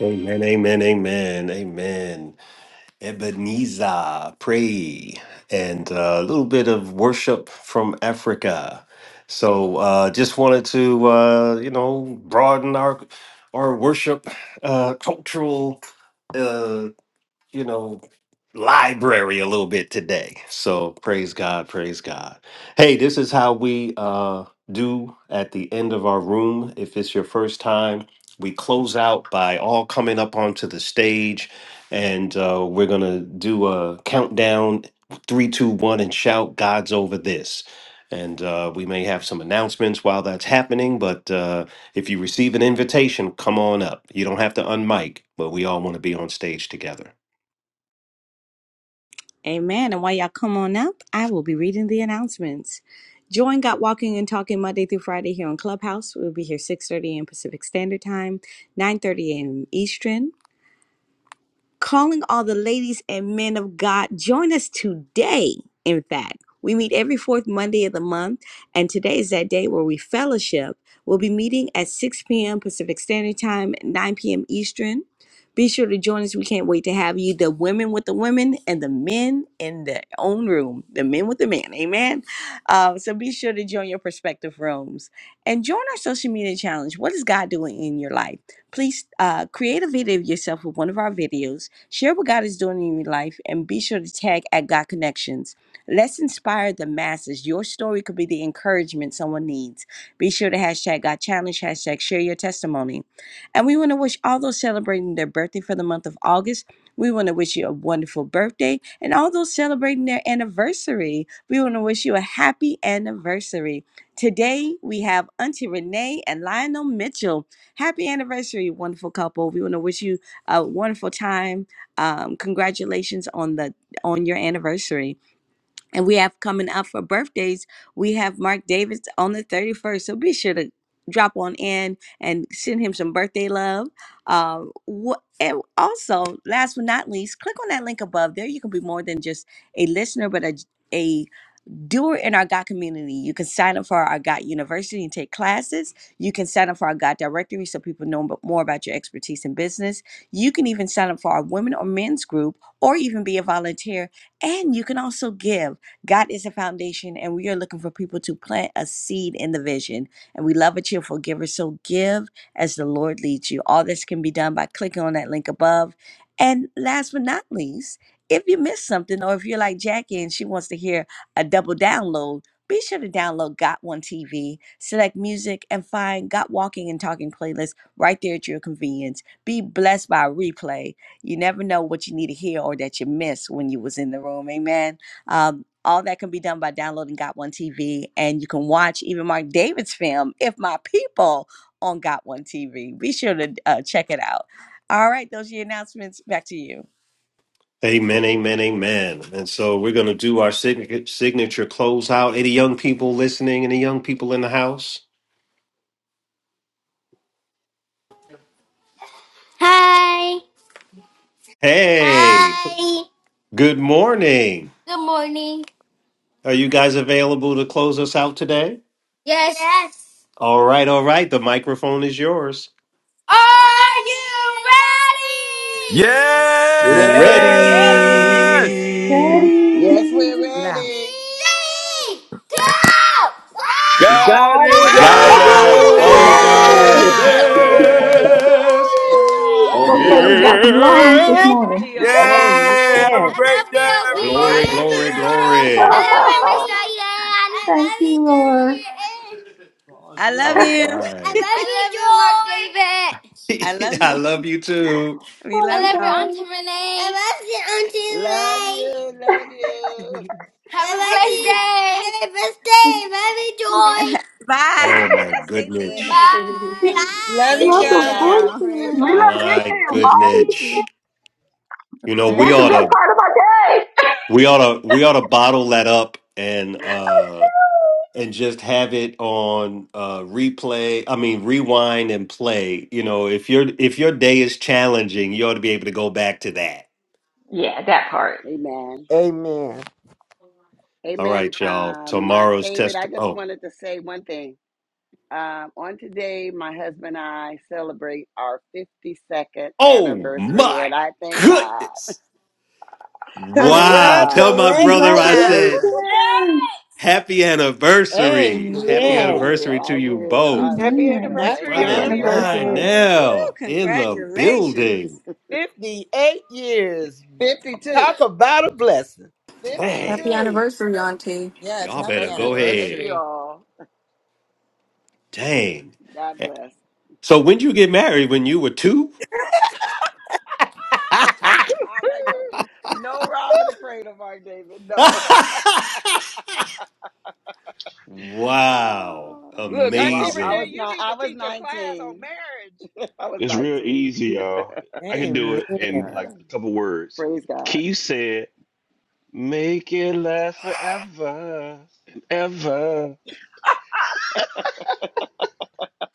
[SPEAKER 1] Amen, amen, amen, amen. Ebenezer, pray, and uh, a little bit of worship from Africa. So, uh, just wanted to, uh, you know, broaden our our worship uh, cultural. uh, you know, library a little bit today. So praise God, praise God. Hey, this is how we uh do at the end of our room. If it's your first time, we close out by all coming up onto the stage and uh we're gonna do a countdown three, two, one, and shout God's over this. And uh, we may have some announcements while that's happening, but Uh, if you receive an invitation, come on up. You don't have to unmic, but we all want to be on stage together.
[SPEAKER 9] Amen. And while y'all come on up, I will be reading the announcements. Join Got Walking and Talking Monday through Friday here on Clubhouse. We'll be here 6.30 a.m. Pacific Standard Time, 9.30 a.m. Eastern. calling all the ladies and men of God. Join us today, in fact. We meet every fourth Monday of the month, and today is that day where we fellowship. We'll be meeting at 6 p.m. Pacific Standard Time, 9 p.m. Eastern. Be sure to join us. We can't wait to have you, the women with the women and the men in their own room, the men with the men. Amen. Uh, so be sure to join your prospective rooms and join our social media challenge. What is God doing in your life? Please uh, create a video of yourself with one of our videos, share what God is doing in your life, and be sure to tag at God Connections. Let's inspire the masses. Your story could be the encouragement someone needs. Be sure to hashtag God Challenge, hashtag share your testimony. And we want to wish all those celebrating their birthday for the month of August. We want to wish you a wonderful birthday. And all those celebrating their anniversary, we want to wish you a happy anniversary. Today, we have Auntie Renee and Lionel Mitchell happy anniversary, wonderful couple. We want to wish you a wonderful time. Um, congratulations on the on your anniversary. And we have coming up for birthdays. We have Mark Davis on the 31st. So be sure to drop on in and send him some birthday love. Um, wha- and also, last but not least, click on that link above. There you can be more than just a listener, but a a do it in our God community. You can sign up for our God University and take classes. You can sign up for our God Directory so people know mo- more about your expertise in business. You can even sign up for our women or men's group or even be a volunteer. And you can also give. God is a foundation, and we are looking for people to plant a seed in the vision. And we love a cheerful giver. So give as the Lord leads you. All this can be done by clicking on that link above. And last but not least, if you missed something or if you're like Jackie and she wants to hear, a double download, be sure to download Got One TV, select music, and find Got Walking and Talking playlist right there at your convenience. Be blessed by a replay. You never know what you need to hear or that you missed when you was in the room. Amen. Um, all that can be done by downloading Got One TV, and you can watch even Mark David's film, If My People, on Got One TV. Be sure to uh, check it out. All right, those are your announcements. Back to you.
[SPEAKER 1] Amen, amen, amen. And so we're going to do our signature, signature closeout. Any young people listening? Any young people in the house?
[SPEAKER 14] Hi.
[SPEAKER 1] Hey,
[SPEAKER 14] Hi.
[SPEAKER 1] Good morning.
[SPEAKER 14] Good morning.
[SPEAKER 1] Are you guys available to close us out today?
[SPEAKER 14] Yes. Yes.
[SPEAKER 1] All right, all right. The microphone is yours.
[SPEAKER 14] Are you
[SPEAKER 15] Yes!
[SPEAKER 14] ready?
[SPEAKER 16] Ready.
[SPEAKER 9] Ready!
[SPEAKER 10] Ready.
[SPEAKER 1] Ready.
[SPEAKER 4] Yes,
[SPEAKER 13] Daddy,
[SPEAKER 4] we're
[SPEAKER 14] Now.
[SPEAKER 4] ready.
[SPEAKER 14] Three, two, one,
[SPEAKER 15] God
[SPEAKER 16] God
[SPEAKER 14] go!
[SPEAKER 15] is
[SPEAKER 16] is
[SPEAKER 13] God
[SPEAKER 9] God's
[SPEAKER 15] over
[SPEAKER 4] God's
[SPEAKER 1] God's
[SPEAKER 10] God's
[SPEAKER 13] over
[SPEAKER 4] over
[SPEAKER 16] opening.
[SPEAKER 10] over
[SPEAKER 15] this!
[SPEAKER 9] over
[SPEAKER 1] over
[SPEAKER 10] this.
[SPEAKER 9] this.
[SPEAKER 4] this.
[SPEAKER 16] Hallelujah.
[SPEAKER 13] this. Woo!
[SPEAKER 4] Hallelujah.
[SPEAKER 10] Hallelujah.
[SPEAKER 1] this.
[SPEAKER 4] Praise
[SPEAKER 10] Hallelujah.
[SPEAKER 13] Those babies
[SPEAKER 14] Woo!
[SPEAKER 13] got
[SPEAKER 16] Amen.
[SPEAKER 10] G-O-T.
[SPEAKER 13] some lungs this
[SPEAKER 14] Happy
[SPEAKER 10] G-O-T.
[SPEAKER 1] Yep.
[SPEAKER 13] morning.
[SPEAKER 10] G-O-T.
[SPEAKER 15] Yay!
[SPEAKER 14] birthday!
[SPEAKER 15] Have a
[SPEAKER 17] Amen.
[SPEAKER 14] I
[SPEAKER 15] great
[SPEAKER 14] love you,
[SPEAKER 15] day,
[SPEAKER 9] Woo,
[SPEAKER 14] Obi.
[SPEAKER 9] God's
[SPEAKER 4] God.
[SPEAKER 9] over
[SPEAKER 14] I
[SPEAKER 1] Glory,
[SPEAKER 4] Praise
[SPEAKER 14] love you,
[SPEAKER 1] glory,
[SPEAKER 15] everybody!
[SPEAKER 4] God,
[SPEAKER 14] Joy. I
[SPEAKER 1] glory.
[SPEAKER 14] love
[SPEAKER 4] everyone.
[SPEAKER 14] you, Mr. Yan. I
[SPEAKER 13] Thank
[SPEAKER 14] love you,
[SPEAKER 13] you, Lord.
[SPEAKER 14] Julian.
[SPEAKER 9] Oh, I love
[SPEAKER 1] All
[SPEAKER 9] you.
[SPEAKER 14] I love you, Joy. I
[SPEAKER 1] right.
[SPEAKER 14] love you, Mark David.
[SPEAKER 9] I love
[SPEAKER 1] I
[SPEAKER 9] you.
[SPEAKER 1] love you too.
[SPEAKER 9] We
[SPEAKER 13] Oh
[SPEAKER 14] I
[SPEAKER 9] love
[SPEAKER 13] my
[SPEAKER 14] love you,
[SPEAKER 9] y'all.
[SPEAKER 13] God.
[SPEAKER 14] Auntie Renee. I love you, Auntie
[SPEAKER 4] Love
[SPEAKER 14] Renee.
[SPEAKER 4] you. Love you.
[SPEAKER 14] Have a blessed day. Have a blessed day.
[SPEAKER 9] Bye.
[SPEAKER 1] Oh
[SPEAKER 9] Have a
[SPEAKER 1] my
[SPEAKER 9] blessed day,
[SPEAKER 14] Love
[SPEAKER 4] Pra-
[SPEAKER 9] Liam.
[SPEAKER 1] goodness.
[SPEAKER 8] Love you
[SPEAKER 14] you,
[SPEAKER 13] Love
[SPEAKER 14] Joy. Bye.
[SPEAKER 4] Praise
[SPEAKER 13] the
[SPEAKER 9] Love
[SPEAKER 8] guys.
[SPEAKER 4] God.
[SPEAKER 13] voices.
[SPEAKER 9] y'all.
[SPEAKER 13] We
[SPEAKER 4] Praise God.
[SPEAKER 13] love
[SPEAKER 14] Bye.
[SPEAKER 13] you
[SPEAKER 1] My
[SPEAKER 13] too,
[SPEAKER 4] Family.
[SPEAKER 9] Love you
[SPEAKER 1] goodness.
[SPEAKER 13] Bobby.
[SPEAKER 9] too.
[SPEAKER 1] You know, we
[SPEAKER 13] That's
[SPEAKER 4] Family.
[SPEAKER 13] the
[SPEAKER 1] ought
[SPEAKER 4] I-
[SPEAKER 13] best
[SPEAKER 1] to.
[SPEAKER 13] part of our day.
[SPEAKER 1] We ought to we ought to bottle that up and
[SPEAKER 4] yes.
[SPEAKER 1] uh and just have it on uh replay. I mean rewind and play. You know, if your if your day is challenging, you ought to be able to go back to that.
[SPEAKER 13] Yeah, that part.
[SPEAKER 4] Amen.
[SPEAKER 17] Amen.
[SPEAKER 1] All
[SPEAKER 4] Amen.
[SPEAKER 1] right, y'all.
[SPEAKER 4] Um, Mark
[SPEAKER 1] Tomorrow's
[SPEAKER 4] David,
[SPEAKER 1] test.
[SPEAKER 4] I just
[SPEAKER 1] Oh,
[SPEAKER 4] wanted to say one thing. Um, on today, my husband and I celebrate our 52nd
[SPEAKER 1] oh
[SPEAKER 4] anniversary,
[SPEAKER 1] my
[SPEAKER 4] and I thank God.
[SPEAKER 1] goodness!
[SPEAKER 13] Oh,
[SPEAKER 4] Praise
[SPEAKER 1] Wow. Tell
[SPEAKER 4] God.
[SPEAKER 1] my brother I said
[SPEAKER 17] Congratulations.
[SPEAKER 13] congratulations.
[SPEAKER 1] happy anniversary. Happy
[SPEAKER 4] I
[SPEAKER 17] Amen.
[SPEAKER 1] anniversary
[SPEAKER 4] will,
[SPEAKER 1] to
[SPEAKER 4] I
[SPEAKER 1] you
[SPEAKER 4] will, I
[SPEAKER 1] both,
[SPEAKER 10] Happy
[SPEAKER 4] will.
[SPEAKER 13] Amen.
[SPEAKER 4] Thank
[SPEAKER 10] anniversary,
[SPEAKER 17] Happy
[SPEAKER 13] Happy
[SPEAKER 1] brother
[SPEAKER 4] God,
[SPEAKER 10] Auntie
[SPEAKER 4] thank
[SPEAKER 17] anniversary.
[SPEAKER 13] anniversary.
[SPEAKER 4] God.
[SPEAKER 10] Renee.
[SPEAKER 9] Woo,
[SPEAKER 1] Lionel in the
[SPEAKER 4] hmm
[SPEAKER 1] building.
[SPEAKER 9] congratulations.
[SPEAKER 17] 58 years.
[SPEAKER 4] fifty-two.
[SPEAKER 17] Talk about a blessing.
[SPEAKER 10] Wow.
[SPEAKER 1] Dang.
[SPEAKER 18] Happy
[SPEAKER 4] fifty-two.
[SPEAKER 18] anniversary, Auntie.
[SPEAKER 8] Yes,
[SPEAKER 1] Y'all
[SPEAKER 8] happy
[SPEAKER 1] better
[SPEAKER 4] Thank
[SPEAKER 1] go
[SPEAKER 4] you, thank
[SPEAKER 1] ahead.
[SPEAKER 8] anniversary.
[SPEAKER 4] you all.
[SPEAKER 1] Dang.
[SPEAKER 4] God bless.
[SPEAKER 1] So when you get married? When you were two?
[SPEAKER 4] All right, don't you? No, robbing the Cradle, Mark David. No.
[SPEAKER 1] wow.
[SPEAKER 4] Oh,
[SPEAKER 10] Look,
[SPEAKER 4] no,
[SPEAKER 10] Auntie
[SPEAKER 4] I, I
[SPEAKER 10] Renee,
[SPEAKER 4] was
[SPEAKER 1] Amazing.
[SPEAKER 10] you
[SPEAKER 4] not.
[SPEAKER 10] need
[SPEAKER 4] I
[SPEAKER 10] to
[SPEAKER 4] was
[SPEAKER 10] teach a class on
[SPEAKER 4] nineteen.
[SPEAKER 10] marriage.
[SPEAKER 4] I was
[SPEAKER 3] It's real
[SPEAKER 4] nineteen.
[SPEAKER 3] easy, y'all. I can do
[SPEAKER 17] Amen.
[SPEAKER 3] it in like
[SPEAKER 4] Ah,
[SPEAKER 3] a couple words.
[SPEAKER 4] Praise God.
[SPEAKER 3] Keith said, Make it last forever and ever.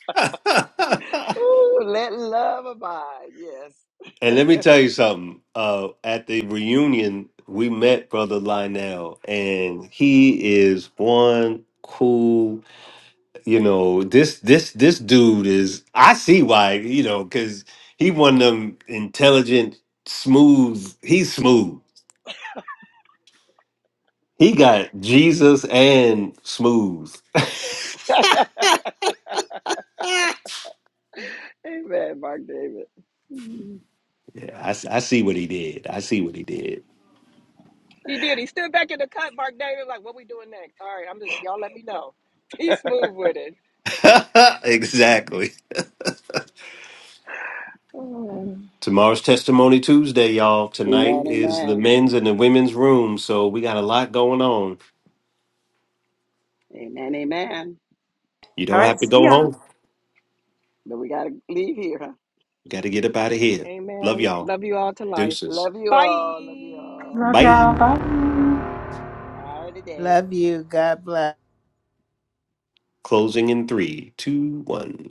[SPEAKER 1] and
[SPEAKER 4] Ooh, let love abide. Yes.
[SPEAKER 1] let me tell you something. Uh, at the reunion, we met Brother Lionel, and he is one cool. You know this this this dude is. I see why. You know because he one of them intelligent, smooth. He's smooth. He got Jesus and smooth.
[SPEAKER 4] amen, Mark David. Mm.
[SPEAKER 1] Yeah, I, s- I see what he did. I see what he did.
[SPEAKER 10] He did. He stood back in the cut, Mark David, like, what we doing next? All right, I'm just, y'all let me know. He's smooth with it.
[SPEAKER 1] exactly.
[SPEAKER 4] Oh.
[SPEAKER 1] Tomorrow's Testimony Tuesday, y'all. Tonight
[SPEAKER 4] Amen,
[SPEAKER 1] is the
[SPEAKER 4] amen.
[SPEAKER 1] men's and the women's room, so we got a lot going on.
[SPEAKER 4] Amen, amen.
[SPEAKER 1] You don't have to go home.
[SPEAKER 4] But we got to leave here. huh?
[SPEAKER 1] You got to get up out of here. Love
[SPEAKER 10] Amen.
[SPEAKER 1] y'all.
[SPEAKER 10] Love you all to life.
[SPEAKER 1] Deuces.
[SPEAKER 4] Love you all. Love you
[SPEAKER 10] Bye.
[SPEAKER 4] all.
[SPEAKER 13] Love
[SPEAKER 1] Bye.
[SPEAKER 13] y'all. Bye.
[SPEAKER 4] All right, today.
[SPEAKER 17] Love you. God bless.
[SPEAKER 1] Closing in three, two, one.